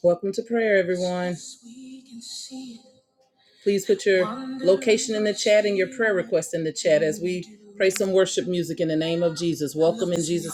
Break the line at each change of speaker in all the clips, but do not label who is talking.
Welcome to prayer, everyone. Please put your chat and your prayer request in the chat as we pray some worship music in the name of Jesus. Welcome in Jesus.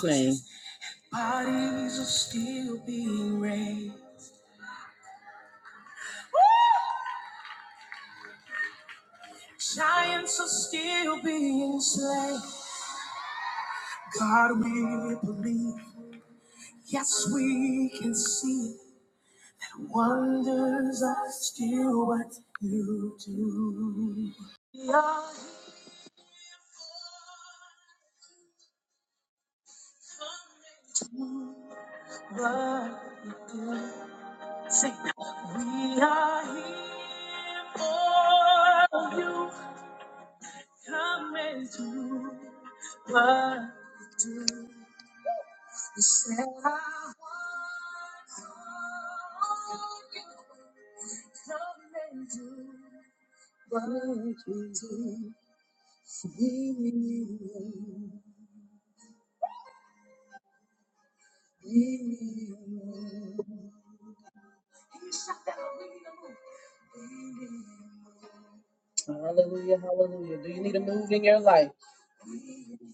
name. Hallelujah, hallelujah. Do you need a move in your life?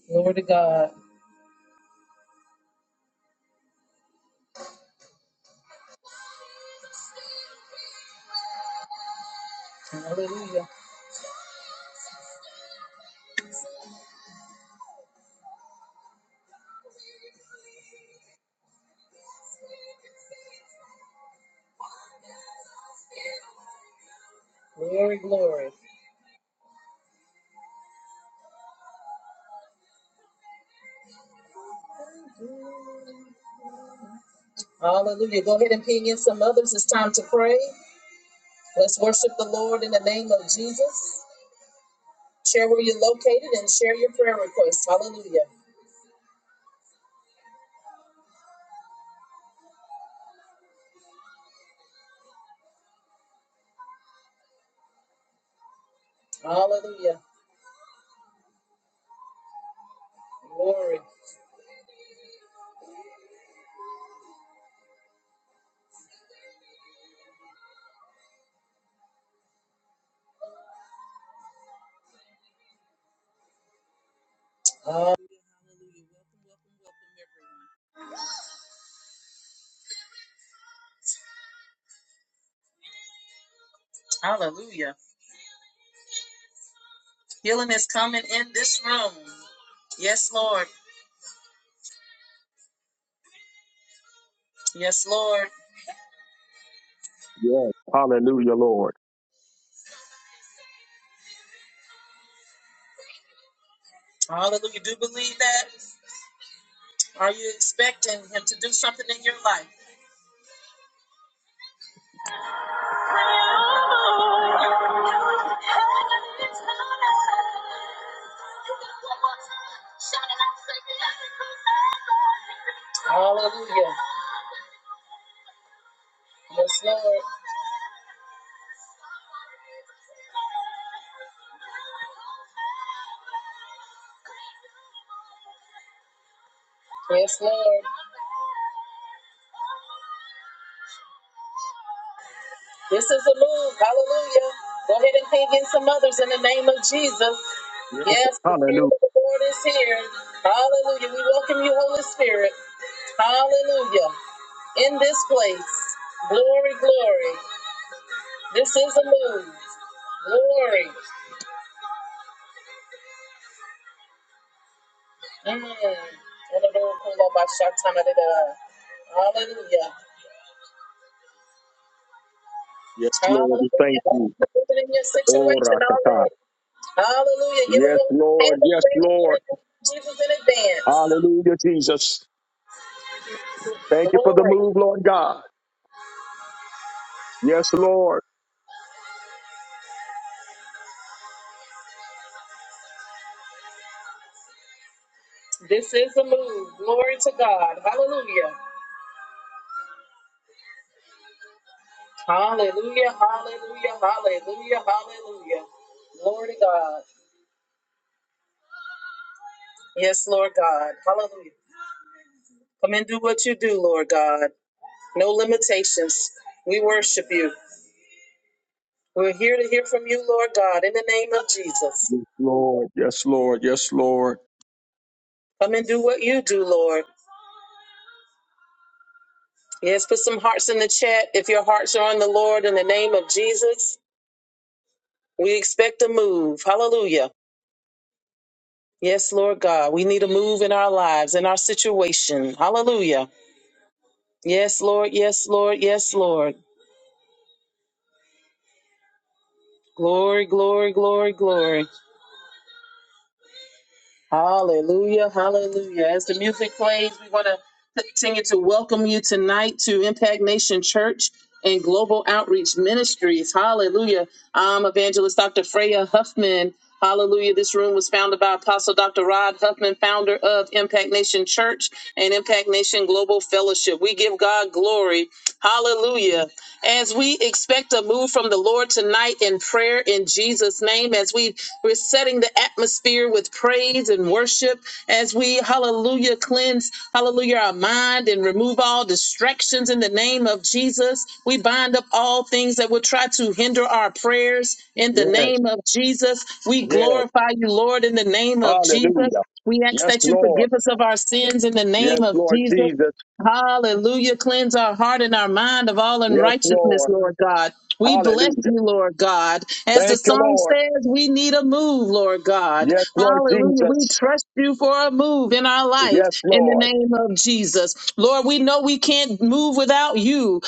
Glory to God. Hallelujah. Glory, glory. Hallelujah. Go ahead and ping in some others. It's time to pray. Let's worship the Lord in the name of Jesus. Share where you're located and share your prayer requests. Hallelujah. Hallelujah. Glory. Hallelujah. Welcome, welcome, welcome, everyone. Hallelujah. Healing is coming in this room. Yes, Lord. Yes, Lord.
Yes. Hallelujah, Lord.
Hallelujah. Do you believe that? Are you expecting him to do something in your life? Hallelujah. Yes, Lord. Yes, Lord. This is a move. Hallelujah. Go ahead and ping in some others in the name of Jesus.
Yes.
Yes, the Spirit
Hallelujah.
of the Lord is here. Hallelujah. We welcome you, Holy Spirit. Hallelujah. In this place. Glory, glory. This is a move. Glory. Mm. Hallelujah.
Yes, Lord. We thank
Hallelujah.
you.
Even in your
Ora
situation
kata.
already. Hallelujah. Give him
Yes,
a
Lord.
hand of
Yes,
praise in the
Lord.
name of Jesus in advance.
Hallelujah, Jesus. Thank you for the
Glory.
move, Lord God. Yes, Lord.
This is the move. Glory to God. Hallelujah. Hallelujah. Hallelujah. Hallelujah. Hallelujah. Glory to God. Yes, Lord God. Hallelujah. Come and do what you do, Lord God. No limitations. We worship you. We're here to hear from you, Lord God, in the name of Jesus.
Yes, Lord. Yes, Lord. Yes, Lord.
Come and do what you do, Lord. Yes, put some hearts in the chat if your hearts are on the Lord in the name of Jesus. We expect a move. Hallelujah. Yes, Lord God, we need a move in our lives, in our situation. Hallelujah. Yes, Lord. Yes, Lord. Yes, Lord. Glory, glory, glory, glory. Hallelujah, hallelujah. As the music plays, we want to continue to welcome you tonight to Impact Nation Church and Global Outreach Ministries. Hallelujah. I'm evangelist Dr. Freya Huffman. Hallelujah. This room was founded by Apostle Dr. Rod Huffman, founder of Impact Nation Church and Impact Nation Global Fellowship. We give God glory. Hallelujah. As we expect a move from the Lord tonight in prayer in Jesus' name, as we, we're setting the atmosphere with praise and worship, as we, hallelujah, cleanse, hallelujah, our mind and remove all distractions in the name of Jesus. We bind up all things that will try to hinder our prayers in the
Yes.
name of Jesus. We
Yes.
glorify you, Lord, in the name of Jesus.
Hallelujah.
We ask
Yes,
that you
Lord.
forgive us of our sins in the name
Yes,
of
Lord
Jesus.
Jesus.
Hallelujah. Cleanse our heart and our mind of all
Yes,
unrighteousness,
Lord.
Lord God. We bless
Hallelujah.
you, Lord God. As the
Thank you,
song
Lord.
says, we need a move, Lord God.
Yes, Lord
Hallelujah. We
Jesus.
trust you for a move in our life
Yes,
in the
Lord.
name of Jesus. Lord, we know we can't move without you.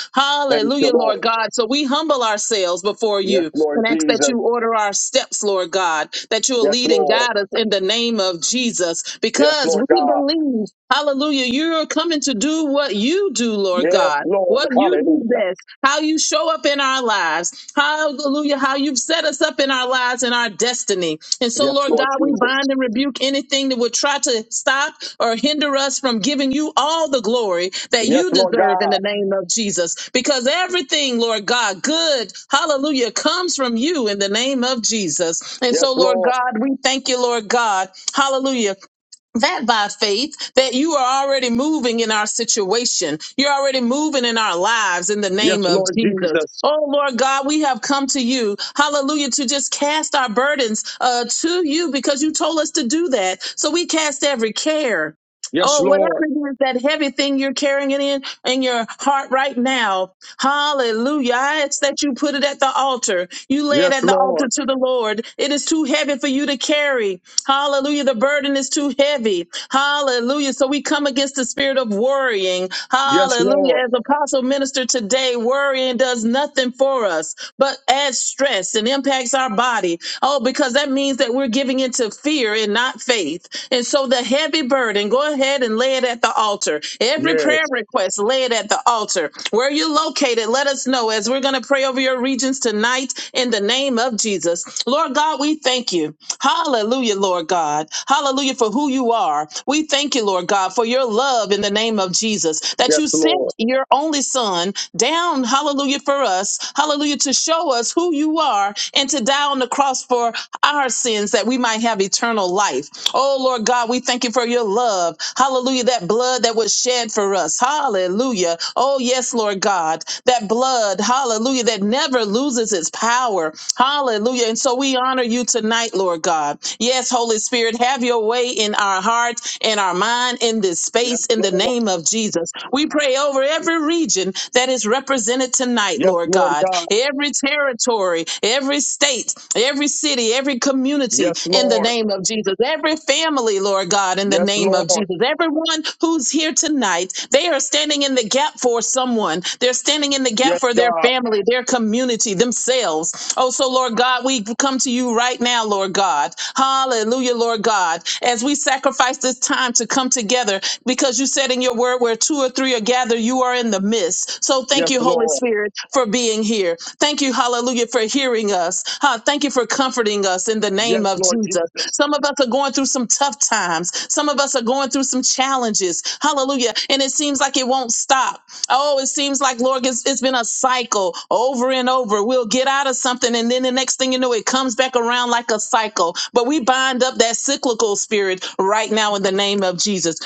Thank you,
Hallelujah,
Lord.
Lord God. So we humble ourselves before
Yes,
you
Lord
and ask that
Jesus.
you order our steps, Lord God, that you will
Yes,
lead and
Lord.
guide us in the name of Jesus
Yes,
because
Lord
we
God.
believe Hallelujah. You're coming to do what you do, Lord
Yes,
God.
Lord.
What you do
Hallelujah.
best, how you show up in our lives. Hallelujah. How you've set us up in our lives and our destiny. And so,
Yes,
Lord
Lord
God, we
Jesus.
bind and rebuke anything that would try to stop or hinder us from giving you all the glory that
Yes,
you
Lord
deserve in
God.
the name of Jesus. Because everything, Lord God, good, hallelujah, comes from you in the name of Jesus. And
Yes,
so, Lord
Lord.
God, we thank you, Lord God. Hallelujah that by faith that you are already moving in our situation. You're already moving in our lives in the
Yes,
name of
Lord
Jesus.
Jesus.
Oh Lord God, we have come to you. Hallelujah. To just cast our burdens uh, to you because you told us to do that. So we cast every care.
Yes,
Oh, whatever
Lord.
it is, that heavy thing you're carrying it in in your heart right now. Hallelujah. I ask that you put it at the altar. You lay
Yes,
it at the altar
Lord.
to the Lord. It is too heavy for you to carry. Hallelujah. The burden is too heavy. Hallelujah. So we come against the spirit of worrying.
Yes,
Hallelujah.
Lord.
As apostle minister today, worrying does nothing for us but adds stress and impacts our body. Oh, because that means that we're giving into fear and not faith. And so the heavy burden, go ahead and lay it at the at the altar. Every prayer
Yes.
request, lay it at the altar. Where you located, let us know as we're going to pray over your regions tonight in the name of Jesus. Lord God, we thank you. Hallelujah, Lord God. Hallelujah for who you are. We thank you, Lord God, for your love in the name of Jesus, that
Yes,
you sent
Lord.
your only son down, hallelujah, for us, hallelujah, to show us who you are and to die on the cross for our sins that we might have eternal eternal life. Oh, Lord God, we thank you for your love. Hallelujah. That blood that was shed for us. Hallelujah. Oh, yes, Lord God. That blood, hallelujah, that never loses its power. Hallelujah. And so we honor you tonight, Lord God. Yes, Holy Spirit, have your way in our heart, in our mind, in this
Yes,
space, in the
Lord.
name of Jesus. We pray over every region that is represented tonight,
Yes,
Lord
Lord
God.
God.
Every territory, territory, every state, every city, every community
Yes,
in the
Lord.
name of Jesus, every family, Lord God, in the
Yes,
name of
Lord.
Jesus, everyone who's here tonight, they are standing in the gap for someone. They're standing in the gap
Yes,
for their
God.
family, their community, themselves. Oh, so Lord God, we come to you right now, Lord God. Hallelujah, Lord God, as we sacrifice this time to come together because you said in your word where two or three are gathered, you are in the midst place. So
Yes,
thank you, Holy
Lord.
Spirit, for being here. Thank you, hallelujah, for hearing us. Huh, thank you for comforting us in the
Yes,
name of
Lord
Jesus.
Jesus.
Some of us are going through some tough times. Some of us are going through some challenges. Hallelujah. And it seems like it won't stop. Oh, it seems like, Lord, it's, it's been a cycle over and over. We'll get out of something, and then the next thing you know, it comes back around like a cycle. But we bind up that cyclical spirit right now in the name of Jesus.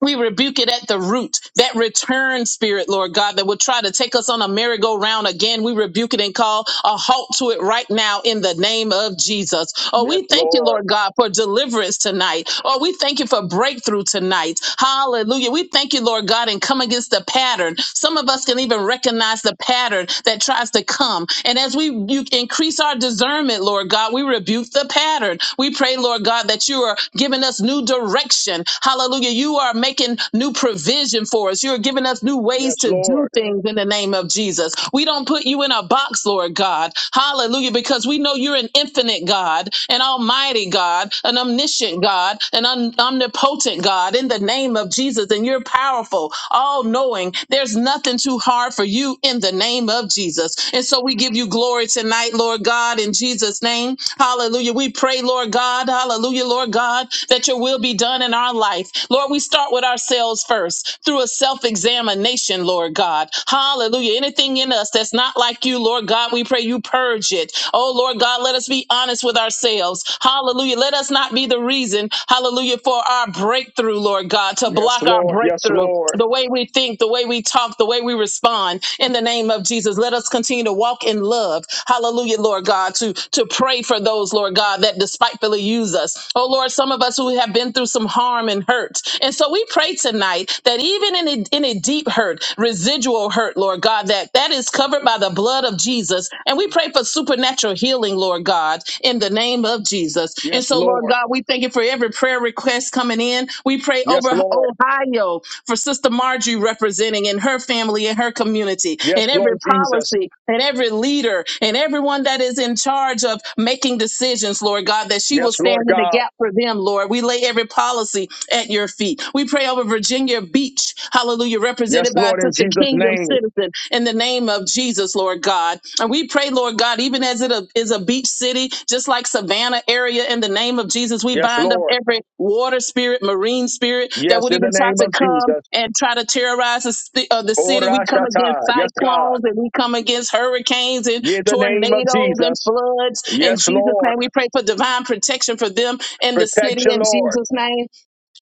We rebuke it at the root. That return spirit, Lord God, that will try to take us on a merry-go-round again. We rebuke it and call a halt to it right now in the name of Jesus. Oh,
Yes,
we thank you,
Lord.
Lord God, for deliverance tonight. Oh, we thank you for breakthrough tonight. Hallelujah. We thank you, Lord God, and come against the pattern. Some of us can even recognize the pattern that tries to come. And as we you increase our discernment, Lord God, we rebuke the pattern. We pray, Lord God, that you are giving us new direction. Hallelujah. You you are making new provision for us. You're giving us new
Yes,
ways to do
Lord.
things in the name of Jesus. We don't put you in a box, Lord God. Hallelujah, because we know you're an infinite God, an almighty God, an omniscient God, an un- omnipotent God in the name of Jesus. And you're powerful, all knowing. There's nothing too hard for you in the name of Jesus. And so we give you glory tonight, Lord God, in Jesus' name. Hallelujah. We pray, Lord God, hallelujah, Lord God, that your will be done in our life. Lord, we start with ourselves first through a self examination, Lord God. Hallelujah. Anything in us that's not like you, Lord God, we pray you purge it. Oh, Lord God, let us be honest with ourselves. Hallelujah. Let us not be the reason, hallelujah, for our breakthrough, Lord God, to
Yes,
block our
Lord. Yes,
breakthrough.
Lord.
The way we think, the way we talk, the way we respond in the name of Jesus. Let us continue to walk in love. Hallelujah, Lord God, to, to pray for those, Lord God, that despitefully use us. Oh, Lord, some of us who have been through some harm and hurt. And so we pray tonight that even in a, in a deep hurt, residual hurt, Lord God, that that is covered by the blood of Jesus. And we pray for supernatural healing, Lord God, in the name of Jesus. And
Yes,
so, Lord
Lord.
God, we thank you for every prayer request coming in. We pray
Yes,
over
Lord.
Ohio for Sister Marjorie representing in her family and her community
Yes,
and
Lord
every
Jesus.
policy and every leader and everyone that is in charge of making decisions, Lord God, that she will
Yes, Lord
stand in the
God.
gap for them, Lord. We lay every policy lay at your feet. We pray over Virginia Beach, hallelujah,
Yes,
represented by
Lord, in
Sister
Jesus'
Kingdom
name.
Citizen in the name of Jesus, Lord God. And we pray, Lord God, even as it is a beach city, just like Savannah area, in the name of Jesus, we
Yes,
bind up
Lord.
every water spirit, marine spirit that
Yes,
would
in
even
the
try
name
to
of
come
Jesus.
and try to terrorize the, sti- uh, the city. We come
Korashata.
against
Yes, God.
cyclones and we come against hurricanes and
In the name of
tornadoes and
Jesus.
floods. In
Yes,
Jesus'
Lord.
name, we pray for divine protection for them in the city
Protection,
in
Lord.
Jesus' name.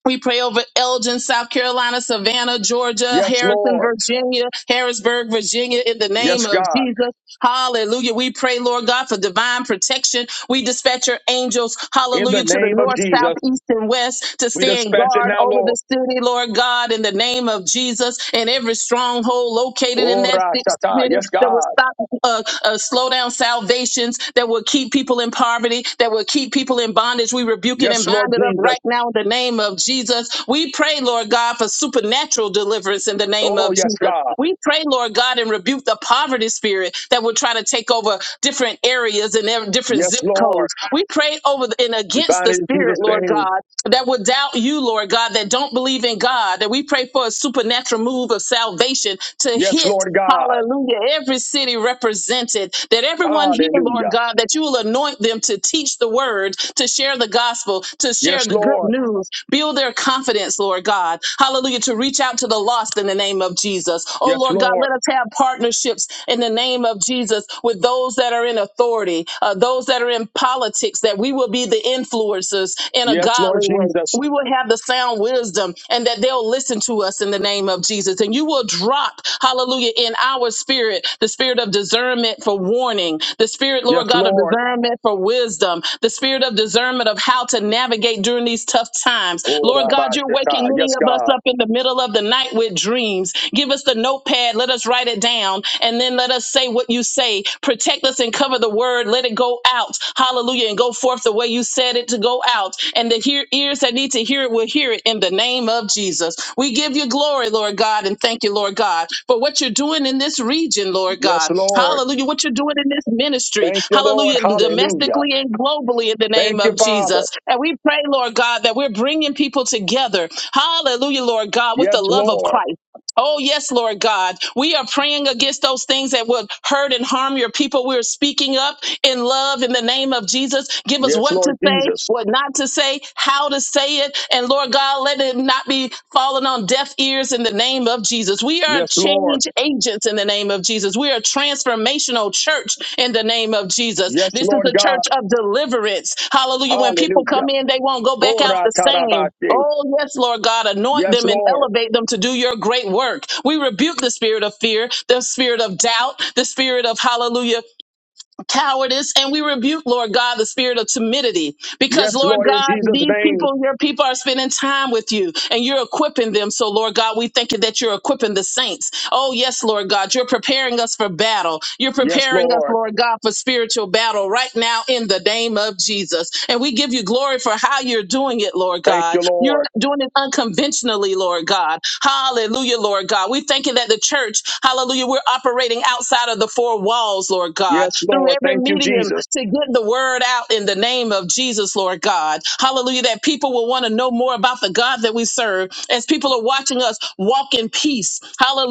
We pray over Elgin, South Carolina, Savannah, Georgia,
Yes,
Harrison,
Lord.
Virginia, Harrisburg, Virginia, in the name
Yes,
of
God.
Jesus. Hallelujah. We pray, Lord God, for divine protection. We dispatch your angels,
In the
hallelujah, to
name
the
of
north, south,
Jesus.
east, and west to
We
stand
dispatch it
guard
now,
over the
Lord.
city, Lord God, in the name of Jesus and every stronghold located in that ci-
Orashata.
city
Yes,
that will
God.
stop, uh, uh, slow down salvations, that will keep people in poverty, that will keep people in bondage. We rebuke it and
Yes, Lord
bind it up
Jesus.
right now in the name of Jesus. We pray, Lord God, for supernatural deliverance in the name
Oh,
of
yes,
Jesus.
God.
We pray, Lord God, and rebuke the poverty poverty spirit that will try to take over different areas and ev- different
Yes,
zip
Lord.
codes. We pray over the- and
We
against
bind
the
it in Jesus'
spirit, Lord
name.
God, that would doubt you, Lord God, that don't believe in God, that we pray for a supernatural move of salvation to
Yes,
hit
Lord God.
Hallelujah. Every city represented, that everyone here, Lord
Hallelujah.
God, that you will anoint them to teach the word, to share the gospel, to share
Yes,
the good
Lord.
news, build their confidence, Lord God. Hallelujah. To reach out to the lost in the name of Jesus. Oh,
Yes,
Lord God,
Lord.
let us Let's have partnerships in the name of Jesus with those that are in authority, uh, those that are in politics, that we will be the influencers in a
Yes, Lord
godly way.
Jesus.
We will have the sound wisdom and that they'll listen to us in the name of Jesus. And you will drop, hallelujah, in our spirit, the spirit of discernment for warning, the spirit,
Yes,
Lord God, of
Lord.
discernment for wisdom, the spirit of discernment of how to navigate during these tough times.
Oh,
Lord
Rabbi
God, you're waking
Shatai.
many
Yes,
of us
God.
up in the middle of the night with dreams. Give us the a notepad. Let us write it down. And then let us say what you say. Protect us and cover the word. Let it go out. Hallelujah. And go forth the way you said it to go out. And the hear- ears that need to hear it will hear it in the name of Jesus. We give you glory, Lord God, and thank you, Lord God, for what you're doing in this region, Lord
Yes,
God.
Lord.
Hallelujah. What you're doing in this ministry.
Thank you, Lord.
Hallelujah.
Hallelujah.
Domestically and globally in the name
Thank you,
of
Father.
Jesus. And we pray, Lord God, that we're bringing people together. Hallelujah, Lord God, with
Yes,
the love of
Lord.
Christ. Oh, yes, Lord God. We are praying against those things that would hurt and harm your people. We're speaking up in love in the name of Jesus. Give us
Yes,
what to
Lord
say,
Jesus.
what not to say, how to say it. And Lord God, let it not be falling on deaf ears in the name of Jesus. We are
Yes, Lord.
change agents in the name of Jesus. We are transformational church in the name of Jesus.
Yes,
This is
Lord
a
God.
church of deliverance. Hallelujah. When people
Hallelujah.
come in, they won't go back
Oh,
out the same.
Ratarabashi.
Oh, yes, Lord God, anoint
Yes,
them and
Lord.
elevate them to do your great work. We rebuke the spirit of fear, the spirit of doubt, the spirit of hallelujah cowardice and we rebuke lord god the spirit of timidity
Yes,
because lord
Lord, in
god
Jesus'
these
name.
people your people are spending time with you and you're equipping them so lord god we thank you that you're equipping the saints oh yes lord god you're preparing us for battle you're
Yes,
preparing us
Lord.
lord god for spiritual battle right now in the name of jesus and we give you glory for how you're doing it lord
Thank
god
you,
you're
Lord.
doing it unconventionally lord god hallelujah lord god we thank you that the church hallelujah we're operating operating outside of the four walls, Lord God,
Yes,
through
Lord.
every
Thank you,
medium
Jesus.
to get the word out in the name of Jesus, Lord God. Hallelujah, that people will want to know more about the God that we serve as people are watching us walk in peace.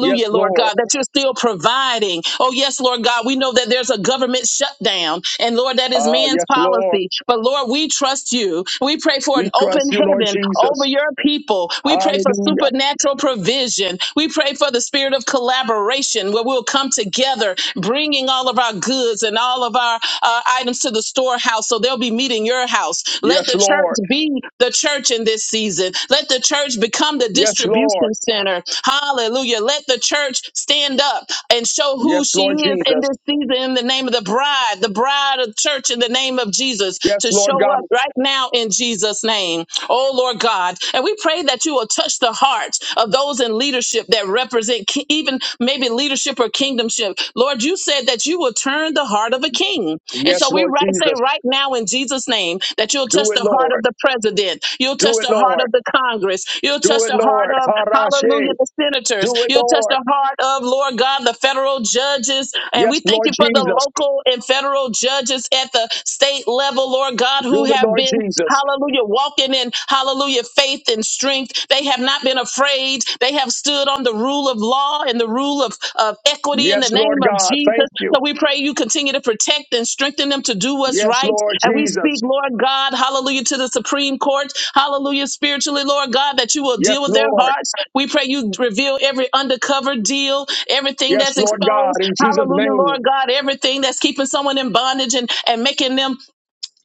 Yes,
Lord
Lord.
God, that you're still providing. Oh, yes, Lord God, we know that there's a government shutdown, and Lord, that is
Ah,
man's
yes, Lord.
policy. But Lord, we trust you. We pray for an
We
open
trust you, Lord
heaven over
Jesus.
your people. We pray for
Hallelujah.
supernatural provision. We pray for the spirit of collaboration where we'll come together bringing all of our goods and all of our uh, items to the storehouse so they'll be meeting your house. Let
Yes,
the
Lord.
church be the church in this season. Let the church become the
Yes, Lord.
distribution center. Hallelujah. Let the church stand up and show
Yes,
who she
Lord
is in
Jesus.
this season in the name of the bride, the bride of church in the name of Jesus
Yes,
to
Lord
show
God.
up right now in Jesus' name. Oh Lord God. And we pray that that you will touch the hearts of those in leadership that represent ki- even maybe leadership or kingdomship. Lord, you said that you will turn the heart of a king. And
Yes,
so we
Lord
right say
Jesus.
right now in Jesus' name that you'll
Do
touch
it,
the heart
Lord.
of the president, you'll
Do
touch
it,
the heart
Lord.
of the Congress, you'll
Do
touch
it,
the heart
Lord.
of hallelujah,
Harashe.
the senators,
Do it,
you'll touch
Lord.
the heart of Lord God, the federal judges. And
Yes,
we thank
Lord
you for the
Jesus.
local and federal judges at the state level, Lord God, who
Do it,
have
Lord
been
Jesus.
Hallelujah. Walking in, hallelujah, faith and strength. They have not been afraid. They have stood on the rule of law and the rule of, of equity in
Yes,
the
Lord
name of
God.
Jesus.
Thank you.
So we pray you continue to protect and strengthen them to do what's
Yes,
right.
Lord
And we speak,
Jesus.
Lord God, hallelujah, to the Supreme Court. Hallelujah, spiritually, Lord God, that you will
Yes,
deal with their
Lord.
hearts. We pray you reveal every undercover deal, everything
Yes,
that's
Lord God.
exposed.
In Jesus'
Hallelujah,
name.
Lord God, everything that's keeping someone in bondage and, and making them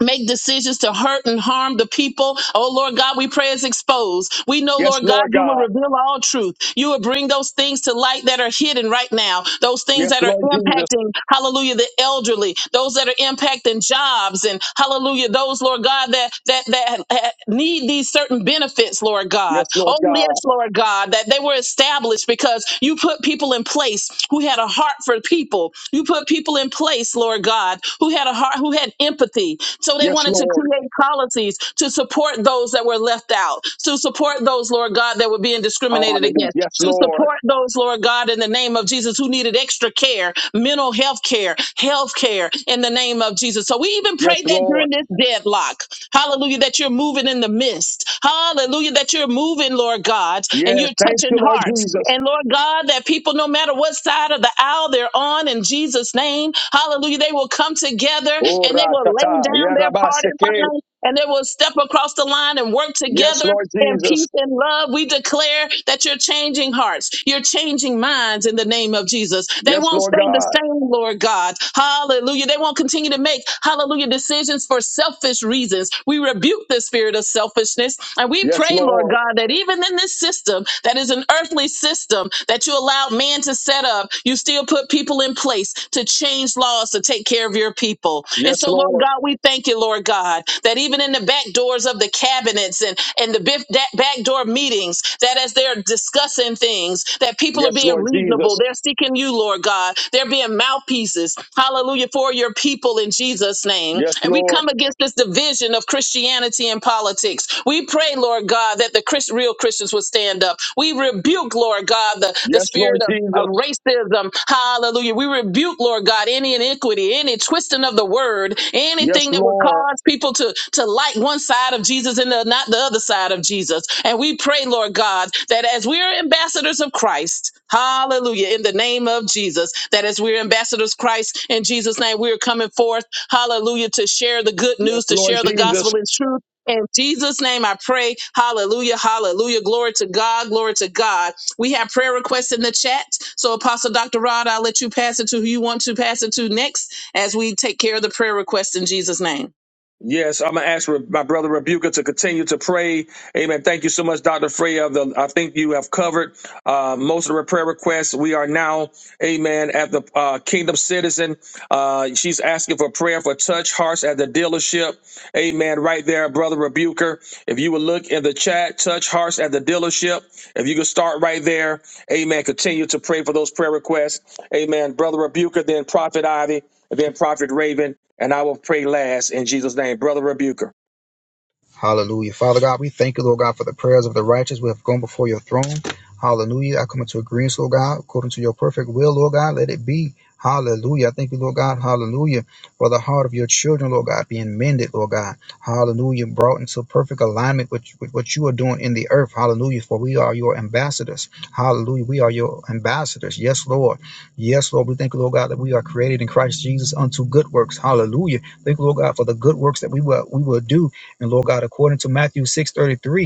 make decisions to hurt and harm the people. Oh Lord God, we pray is exposed. We know,
Yes,
Lord God,
Lord
you will
God.
reveal all truth. You will bring those things to light that are hidden right now, those things
Yes,
that are
Lord Jesus.
impacting, hallelujah, the elderly, those that are impacting jobs and hallelujah, those, Lord God, that that that eh, need these certain benefits, Lord
Yes,
God.
Lord
Oh
God.
yes, Lord God, that they were established because you put people in place who had a heart for people. You put people in place, Lord. Lord God, who had a heart, who had empathy. So they
Yes,
wanted to
Lord.
create policies to support those that were left out, to support those, Lord God, that were being discriminated
Hallelujah.
against,
Yes,
to
Lord.
support those, Lord God, in the name of Jesus, who needed extra care, mental health care, health care in the name of Jesus. So we even
Yes,
prayed that
Lord.
during this deadlock, hallelujah, that you're moving in the midst, hallelujah, that you're moving, Lord God, and
Yes.
you're
Thank
touching
you, Lord
hearts.
Jesus.
And Lord God, that people, no matter what side of the the aisle they're on in Jesus' name. Hallelujah. They will come together and they
Ora
will lay
tata.
down their part in
Yerabaseke.
line and they will step across the line and work
Yes,
together
Lord
in
Jesus.
peace and love. We declare that you're changing hearts, you're changing minds in the name of Jesus. They
Yes,
won't
Lord
stay the
God.
same, Lord God. Hallelujah. They won't continue to make, hallelujah, decisions for selfish reasons. We rebuke the spirit of selfishness and we
Yes,
pray, Lord
Lord.
God, that even in this system that is an earthly system, system that you allowed man to set up, you still put people in place to change laws to take care of your people. And
Yes,
so, Lord
Lord.
God, we thank you, Lord God, that even in the back doors of the cabinets and, and the bif- da- back door meetings, that as they're discussing things, that people are
Yes,
being
Lord
reasonable.
Jesus.
They're seeking you, Lord God. They're being mouthpieces. Hallelujah for your people in Jesus' name.
Yes,
And we
Lord.
come against this division of Christianity and politics. We pray, Lord God, that the Chris, real Christians would stand up. We rebuke, Lord God, the, the
Yes, Lord
spirit of, of
Jesus.
racism. Hallelujah. We rebuke, Lord God, any iniquity, any twisting of the word,
Yes,
anything that would
Lord.
cause people to, to like one side of Jesus and the, not the other side of Jesus. And we pray, Lord God, that as we are ambassadors of Christ, hallelujah, in the name of Jesus, that as we're ambassadors of Christ in Jesus' name, we are coming forth, hallelujah, to share the good
Yes,
news, to
Lord
share the
Jesus.
gospel in truth in Jesus' name, I pray. Hallelujah. Hallelujah. Glory to God. Glory to God. We have prayer requests in the chat. So, Apostle Dr. Rod, I'll let you pass it to who you want to pass it to next as we take care of the prayer requests in Jesus' name.
Yes, I'm gonna ask Re- my brother Rebuka to continue to pray. Amen. Thank you so much, Dr. Freya. The, I think you have covered uh, most of the prayer requests. We are now Amen. At the uh, Kingdom Citizen, uh, she's asking for prayer for touch hearts at the dealership. Amen. Right there, Brother Rebuker. If you would look in the chat, touch hearts at the dealership. If you could start right there, Amen. Continue to pray for those prayer requests. Amen. Brother Rebuker, then Prophet Ivy, and then Prophet Raven, and I will pray last in Jesus' name. Brother Rebuker.
Hallelujah. Father God, we thank you, Lord God, for the prayers of the righteous who have gone before your throne. Hallelujah. I come into agreement, Lord God, according to your perfect will, Lord God, let it be. Hallelujah. I thank you, Lord God. Hallelujah. For the heart of your children, Lord God, being mended, Lord God. Hallelujah. Brought into perfect alignment with, with what you are doing in the earth. Hallelujah. For we are your ambassadors. Hallelujah. We are your ambassadors. Yes, Lord. Yes, Lord. We thank you, Lord God, that we are created in Christ Jesus unto good works. Hallelujah. Thank you, Lord God, for the good works that we will we will do. And Lord God, according to Matthew 6:33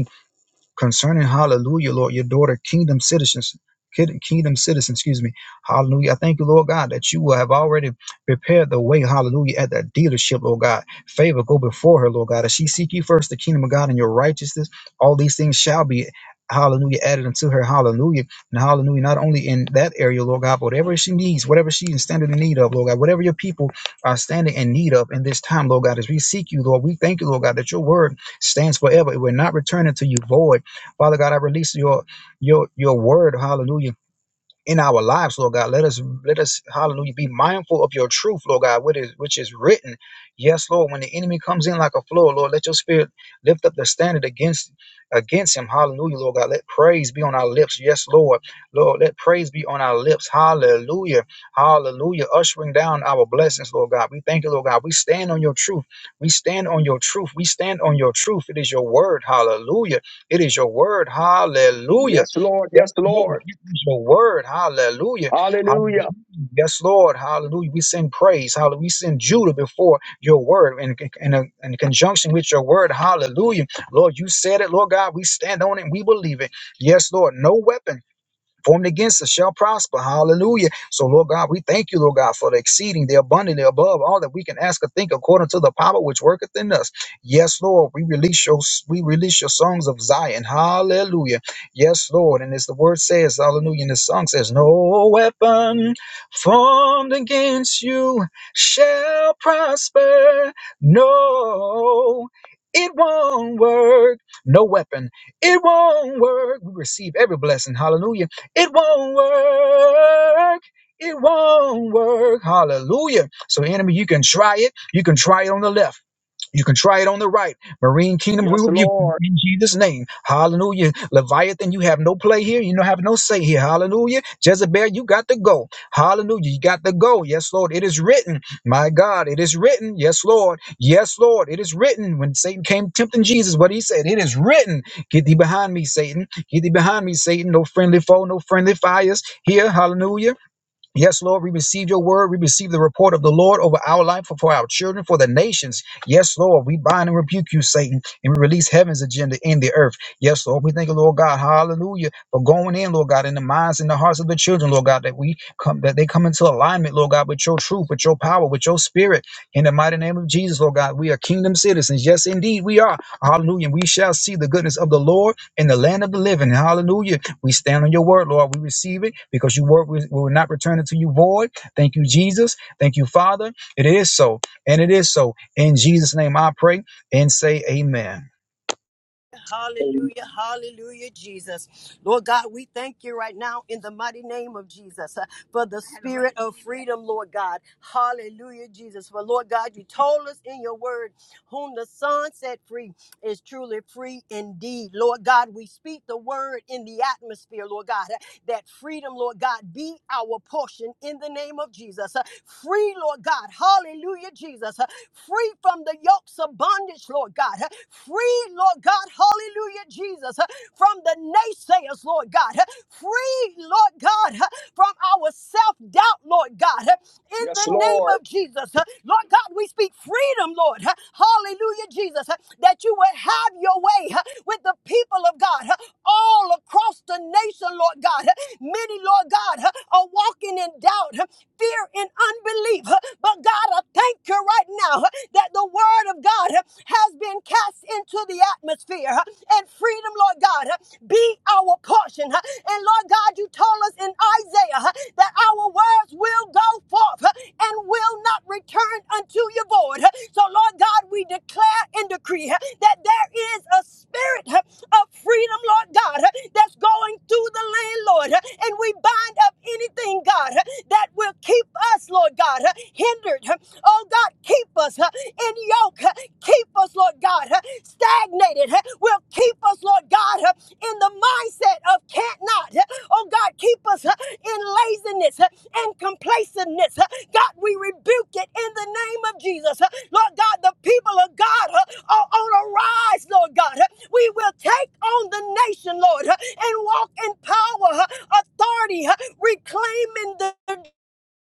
concerning hallelujah lord your daughter kingdom citizens kid- kingdom citizens excuse me hallelujah i thank you lord god that you will have already prepared the way hallelujah at that dealership lord god favor go before her lord god as she seek you first the kingdom of god and your righteousness all these things shall be hallelujah added unto her hallelujah and hallelujah not only in that area lord god but whatever she needs whatever she is standing in need of lord god whatever your people are standing in need of in this time lord god as we seek you lord we thank you lord god that your word stands forever it will not return unto you void Father God, I release your your your word, hallelujah in our lives, Lord God. Let us let us hallelujah be mindful of your truth, Lord God, which is which is written. Yes, Lord, when the enemy comes in like a flood, Lord, let your spirit lift up the standard against against him. Hallelujah, Lord God. Let praise be on our lips. Yes, Lord. Lord, let praise be on our lips. Hallelujah. Hallelujah. Ushering down our blessings, Lord God. We thank you, Lord God. We stand on your truth. We stand on your truth. We stand on your truth. It is your word. Hallelujah. It is your word. Hallelujah.
Yes, Lord.
Yes,
Yes,
Lord
Lord.
your word. Hallelujah. Hallelujah.
Hallelujah.
Yes, Lord. Hallelujah. We send praise. Hallelujah. We send Judah before your word and in, in, in conjunction with your word. Hallelujah. Lord, you said it, Lord God. We stand on it and we believe it. Yes, Lord. No weapon formed against us shall prosper. Hallelujah. So, Lord God, we thank you, Lord God, for the exceeding, the abundantly above all that we can ask or think according to the power which worketh in us. Yes, Lord, we release your we release your songs of Zion. Hallelujah. Yes, Lord. And as the word says, hallelujah, and the song says, No weapon formed against you shall prosper. No. It won't work. No weapon. It won't work. We receive every blessing. Hallelujah it won't work. It won't work. Hallelujah. So, enemy, you can try it. You can try it on the left. You can try it on the right. Marine Kingdom, we
Yes,
rebuke you
Lord.
in Jesus' name. Hallelujah. Leviathan, you have no play here. You don't have no say here. Hallelujah. Jezebel, you got to go. Hallelujah. You got to go. Yes, Lord. It is written. My God, it is written. Yes, Lord. Yes, Lord. It is written. When Satan came tempting Jesus, what he said, it is written. Get thee behind me, Satan. Get thee behind me, Satan. No friendly foe, no friendly fires here. Hallelujah. Yes, Lord, we receive your word. We receive the report of the Lord over our life, for for our children, for the nations. Yes, Lord, we bind and rebuke you, Satan, and we release heaven's agenda in the earth. Yes, Lord, we thank you, Lord God, hallelujah, for going in, Lord God, in the minds and the hearts of the children, Lord God, that we come, that they come into alignment, Lord God, with your truth, with your power, with your spirit. In the mighty name of Jesus, Lord God, we are kingdom citizens. Yes, indeed, we are. Hallelujah. We shall see the goodness of the Lord in the land of the living. Hallelujah. We stand on your word, Lord. We receive it because your word will will not return it to you void. Thank you, Jesus. Thank you, Father. It is so, and it is so. In Jesus' name I pray and say amen.
Hallelujah, hallelujah, Jesus. Lord God, we thank you right now in the mighty name of Jesus uh, for the spirit of freedom, Lord God. Hallelujah, Jesus. For Lord God, you told us in your word, whom the Son set free is truly free indeed. Lord God, we speak the word in the atmosphere, Lord God. That freedom, Lord God, be our portion in the name of Jesus. Uh, Free, Lord God. Hallelujah, Jesus. Uh, Free from the yokes of bondage, Lord God. Uh, Free, Lord God. Hallelujah, Jesus. Uh, From the naysayers, Lord God. Uh, Free, Lord God, uh, from our self doubt, Lord God. Uh, in
Yes,
the name
Lord.
of Jesus. Uh, Lord God, we speak freedom, Lord. Uh, Hallelujah, Jesus, uh, that you would have your way uh, with the people of God uh, all across the nation, Lord God. Uh, Many, Lord God, uh, are walking in doubt, uh, fear, and unbelief. Uh, But God, I thank you right now uh, that the word of God uh, has been cast into the atmosphere uh, and freedom, Lord God, uh, be our our portion. huh? And Lord God, you told us in Isaiah huh, that our words will go forth huh, and will not return unto you void. huh? So, Lord God, we declare and decree huh, that there is a spirit huh, of freedom, Lord God, huh, that's going through the land, Lord. huh, And we bind up anything, God, huh, that will keep us, Lord God, huh, hindered. huh, Oh God, keep us huh, in yoke. huh, keep us, Lord God, huh, stagnated, huh, will keep us, Lord God, huh, in the mindset of can't not. huh. Oh God, keep us huh, in laziness huh, and complacentness. huh. God, we rebuke it in the name of Jesus. huh. Lord God, the people of God huh, are on a rise, Lord God. huh. We will take on the nation, Lord, huh, and walk in power, huh, authority, huh, reclaiming the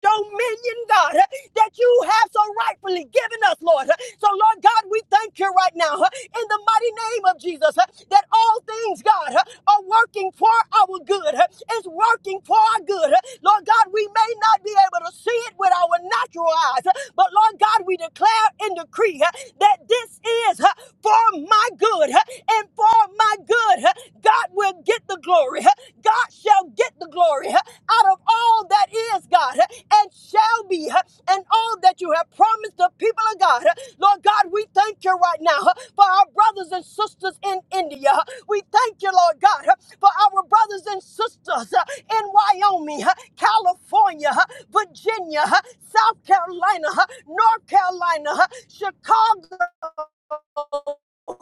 dominion, God, uh, that you have so rightfully given us, Lord. Uh, So, Lord God, we thank you right now uh, in the mighty name of Jesus uh, that all things, God, uh, are working for our good. uh, It's working for our good. uh. Lord God, we may not be able to see it with our natural eyes, uh, but Lord God, we declare and decree decree uh, that this is uh, for my good uh, and for my good. uh, God will get the glory. uh, God shall get the glory uh, out of all that is, God, uh, and shall be, uh, and all that you have promised the people of God. uh, Lord God, we thank you right now uh, for our brothers and sisters in India. uh, We thank you, Lord God, uh, for our brothers and sisters uh, in Wyoming, uh, California. huh, Virginia, huh, South Carolina, huh, North Carolina, huh, Chicago.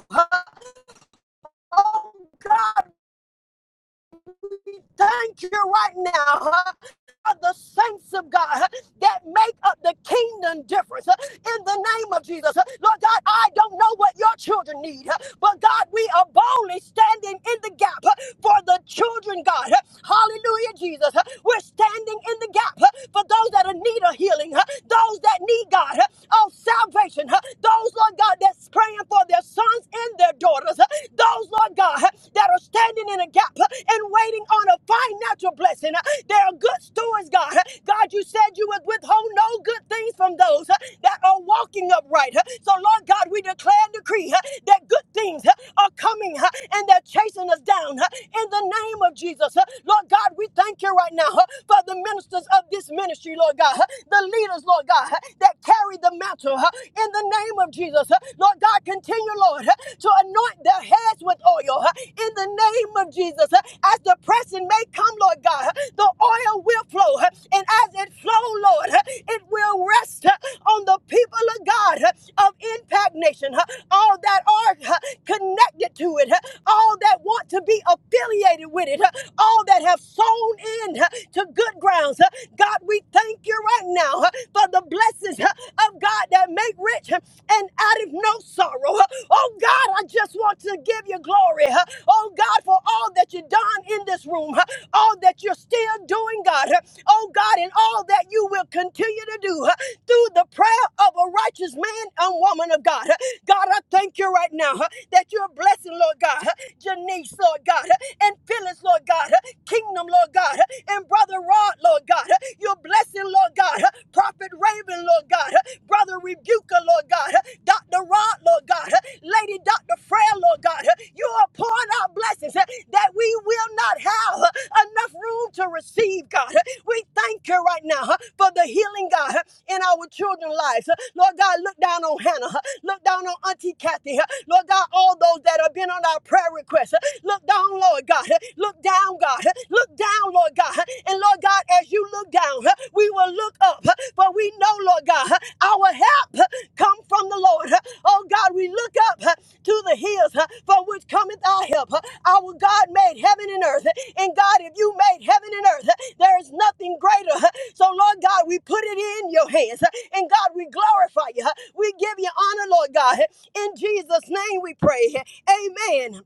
huh. Oh God, thank you right now. huh, the saints of God huh, that make up the kingdom difference. huh, in the name of Jesus. Lord God, I don't know what your children need, but God, we are boldly standing in the gap for the children, God. Hallelujah, Jesus. We're standing in the gap for those that are need a healing, those that need God of salvation, those, Lord God, that's praying for their sons and their daughters, those, Lord God, that are standing in a gap and waiting on a financial blessing. They are good stewards, God. God, you said you would withhold no good things from those those huh, that are walking upright. huh. So, Lord God, we declare and decree huh, that good things huh, are coming huh, and they're chasing us down huh, in the name of Jesus. huh. Lord God, we thank you right now huh, for the ministers of this ministry, Lord God, huh, the leaders, Lord God, huh, that carry the mantle huh, in the name of Jesus. huh. Lord God, continue, Lord, huh, to anoint their heads with oil huh, in the name of Jesus. huh, As as the pressing may come, Lord God, the oil will flow. And as it flow, Lord, it will rest on the people of God of Impact Nation, all that are connected to it, all that want to be affiliated with it, all that have sown in to good grounds. God, we thank you right now for the blessings of God that make rich and out of no sorrow. Oh God, I just want to give you glory. Oh God, for all that you've done in this room, all that you're still doing, God. Oh God, and all that you will continue to do through the prayer of a righteous man and woman of God. God, I thank you right now that you're blessing, Lord God, Janice, Lord God, and Phyllis, Lord God, Kingdom, Lord God and Brother Rod, Lord God. Your blessing, Lord God. Prophet Raven, Lord God. Brother Rebuker, Lord God. Dr. Rod, Lord God. Lady Dr. Frail, Lord God. You are pouring out blessings that we will not have enough room to receive, God. We thank you right now for the healing, God, in our children's lives. Lord God, look down on Hannah. Look down on Auntie Kathy. Kathy. Lord God, all those that have been on our prayer requests. Look down, Lord God. Look down, God. Look down, Lord God. And Lord God, as you look down, we will look up. But we know, Lord God, our help come from the Lord. Oh God, we look up to the hills from which cometh our help. Our God made heaven and earth. And God, if you made heaven and earth, there is nothing greater. So, Lord God, we put it in your hands. And God, we glorify you. We give you honor, Lord God. In Jesus' name we pray. Amen.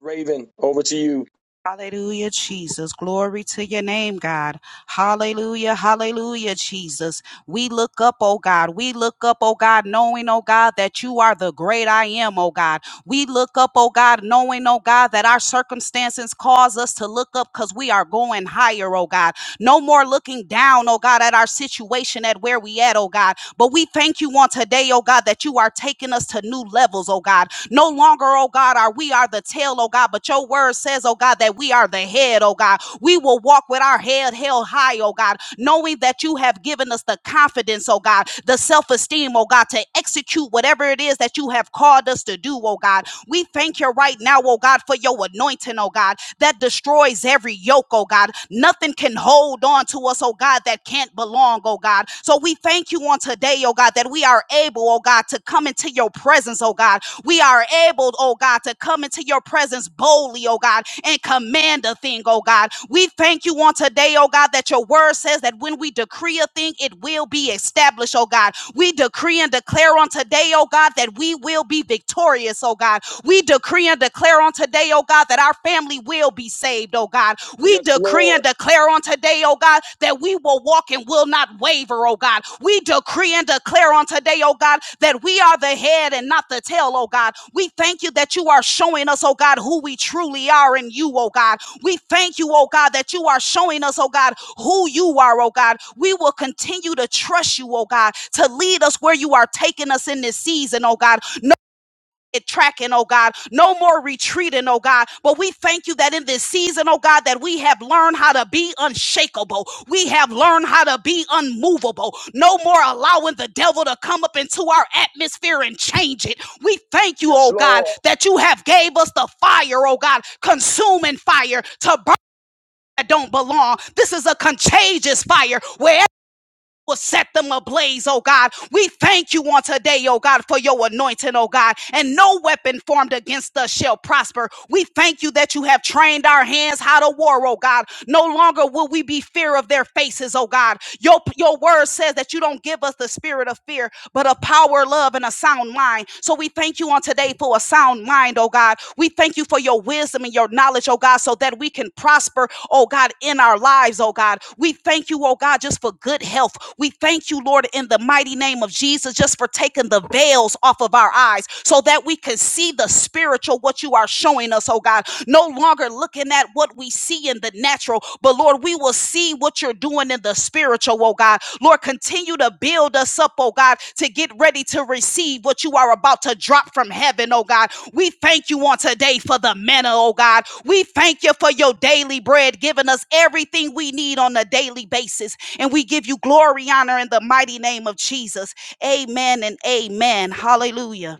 Raven, over to you.
Hallelujah, Jesus. Glory to your name, God. Hallelujah, hallelujah, Jesus. We look up, oh God. We look up, oh God, knowing, oh God, that you are the great I am, oh God. We look up, oh God, knowing, oh God, that our circumstances cause us to look up because we are going higher, oh God. No more looking down, oh God, at our situation, at where we at, oh God. But we thank you on today, oh God, that you are taking us to new levels, oh God. No longer, oh God, are we are the tail, oh God, but your word says, oh God, that we are the head, oh God. We will walk with our head held high, oh God, knowing that you have given us the confidence, oh God, the self esteem, oh God, to execute whatever it is that you have called us to do, oh God. We thank you right now, oh God, for your anointing, oh God, that destroys every yoke, oh God. Nothing can hold on to us, oh God, that can't belong, oh God. So we thank you on today, oh God, that we are able, oh God, to come into your presence, oh God, we are able, oh God, to come into your presence boldly, oh God, and command a thing, oh God. We thank you on today, oh God, that your word says that when we decree a thing, it will be established, oh God. We decree and declare on today, oh God, that we will be victorious, oh God. We decree and declare on today, oh God, that our family will be saved, oh God. We
Yes,
decree
Lord.
and declare on today, oh God, that we will walk and will not waver, oh God. We decree and declare on today, oh God, that we are the head and not the tail, oh God. We thank you that you are showing us, oh God, who we truly are in you, oh God. We thank you, oh God, that you are showing us, oh God, who you are, oh God. We will continue to trust you, oh God, to lead us where you are taking us in this season, oh God tracking, oh God. No more retreating, oh God. But we thank you that in this season, oh God, that we have learned how to be unshakable. We have learned how to be unmovable. No more allowing the devil to come up into our atmosphere and change it. We thank you,
Yes,
oh God,
Lord.
that you have gave us the fire, oh God, consuming fire to burn that don't belong. This is a contagious fire where will set them ablaze, oh God. We thank you on today, oh God, for your anointing, oh God. And no weapon formed against us shall prosper. We thank you that you have trained our hands how to war, oh God. No longer will we be fear of their faces, oh God. Your, your word says that you don't give us the spirit of fear, but a power, love, and a sound mind. So we thank you on today for a sound mind, oh God. We thank you for your wisdom and your knowledge, oh God, so that we can prosper, oh God, in our lives, oh God. We thank you, oh God, just for good health. We thank you, Lord, in in the mighty name of Jesus just for taking the veils off of our eyes so that we can see the spiritual, what you are showing us, oh God. No longer looking at what we see in the natural, but Lord, we will see what you're doing in the spiritual, oh God. Lord, continue to build us up, oh God, to get ready to receive what you are about to drop from heaven, oh God. We thank you on today for the manna, oh God. We thank you for your daily bread, giving us everything we need on a daily basis. And we give you glory, honor in the mighty name of Jesus. Amen and amen. Hallelujah.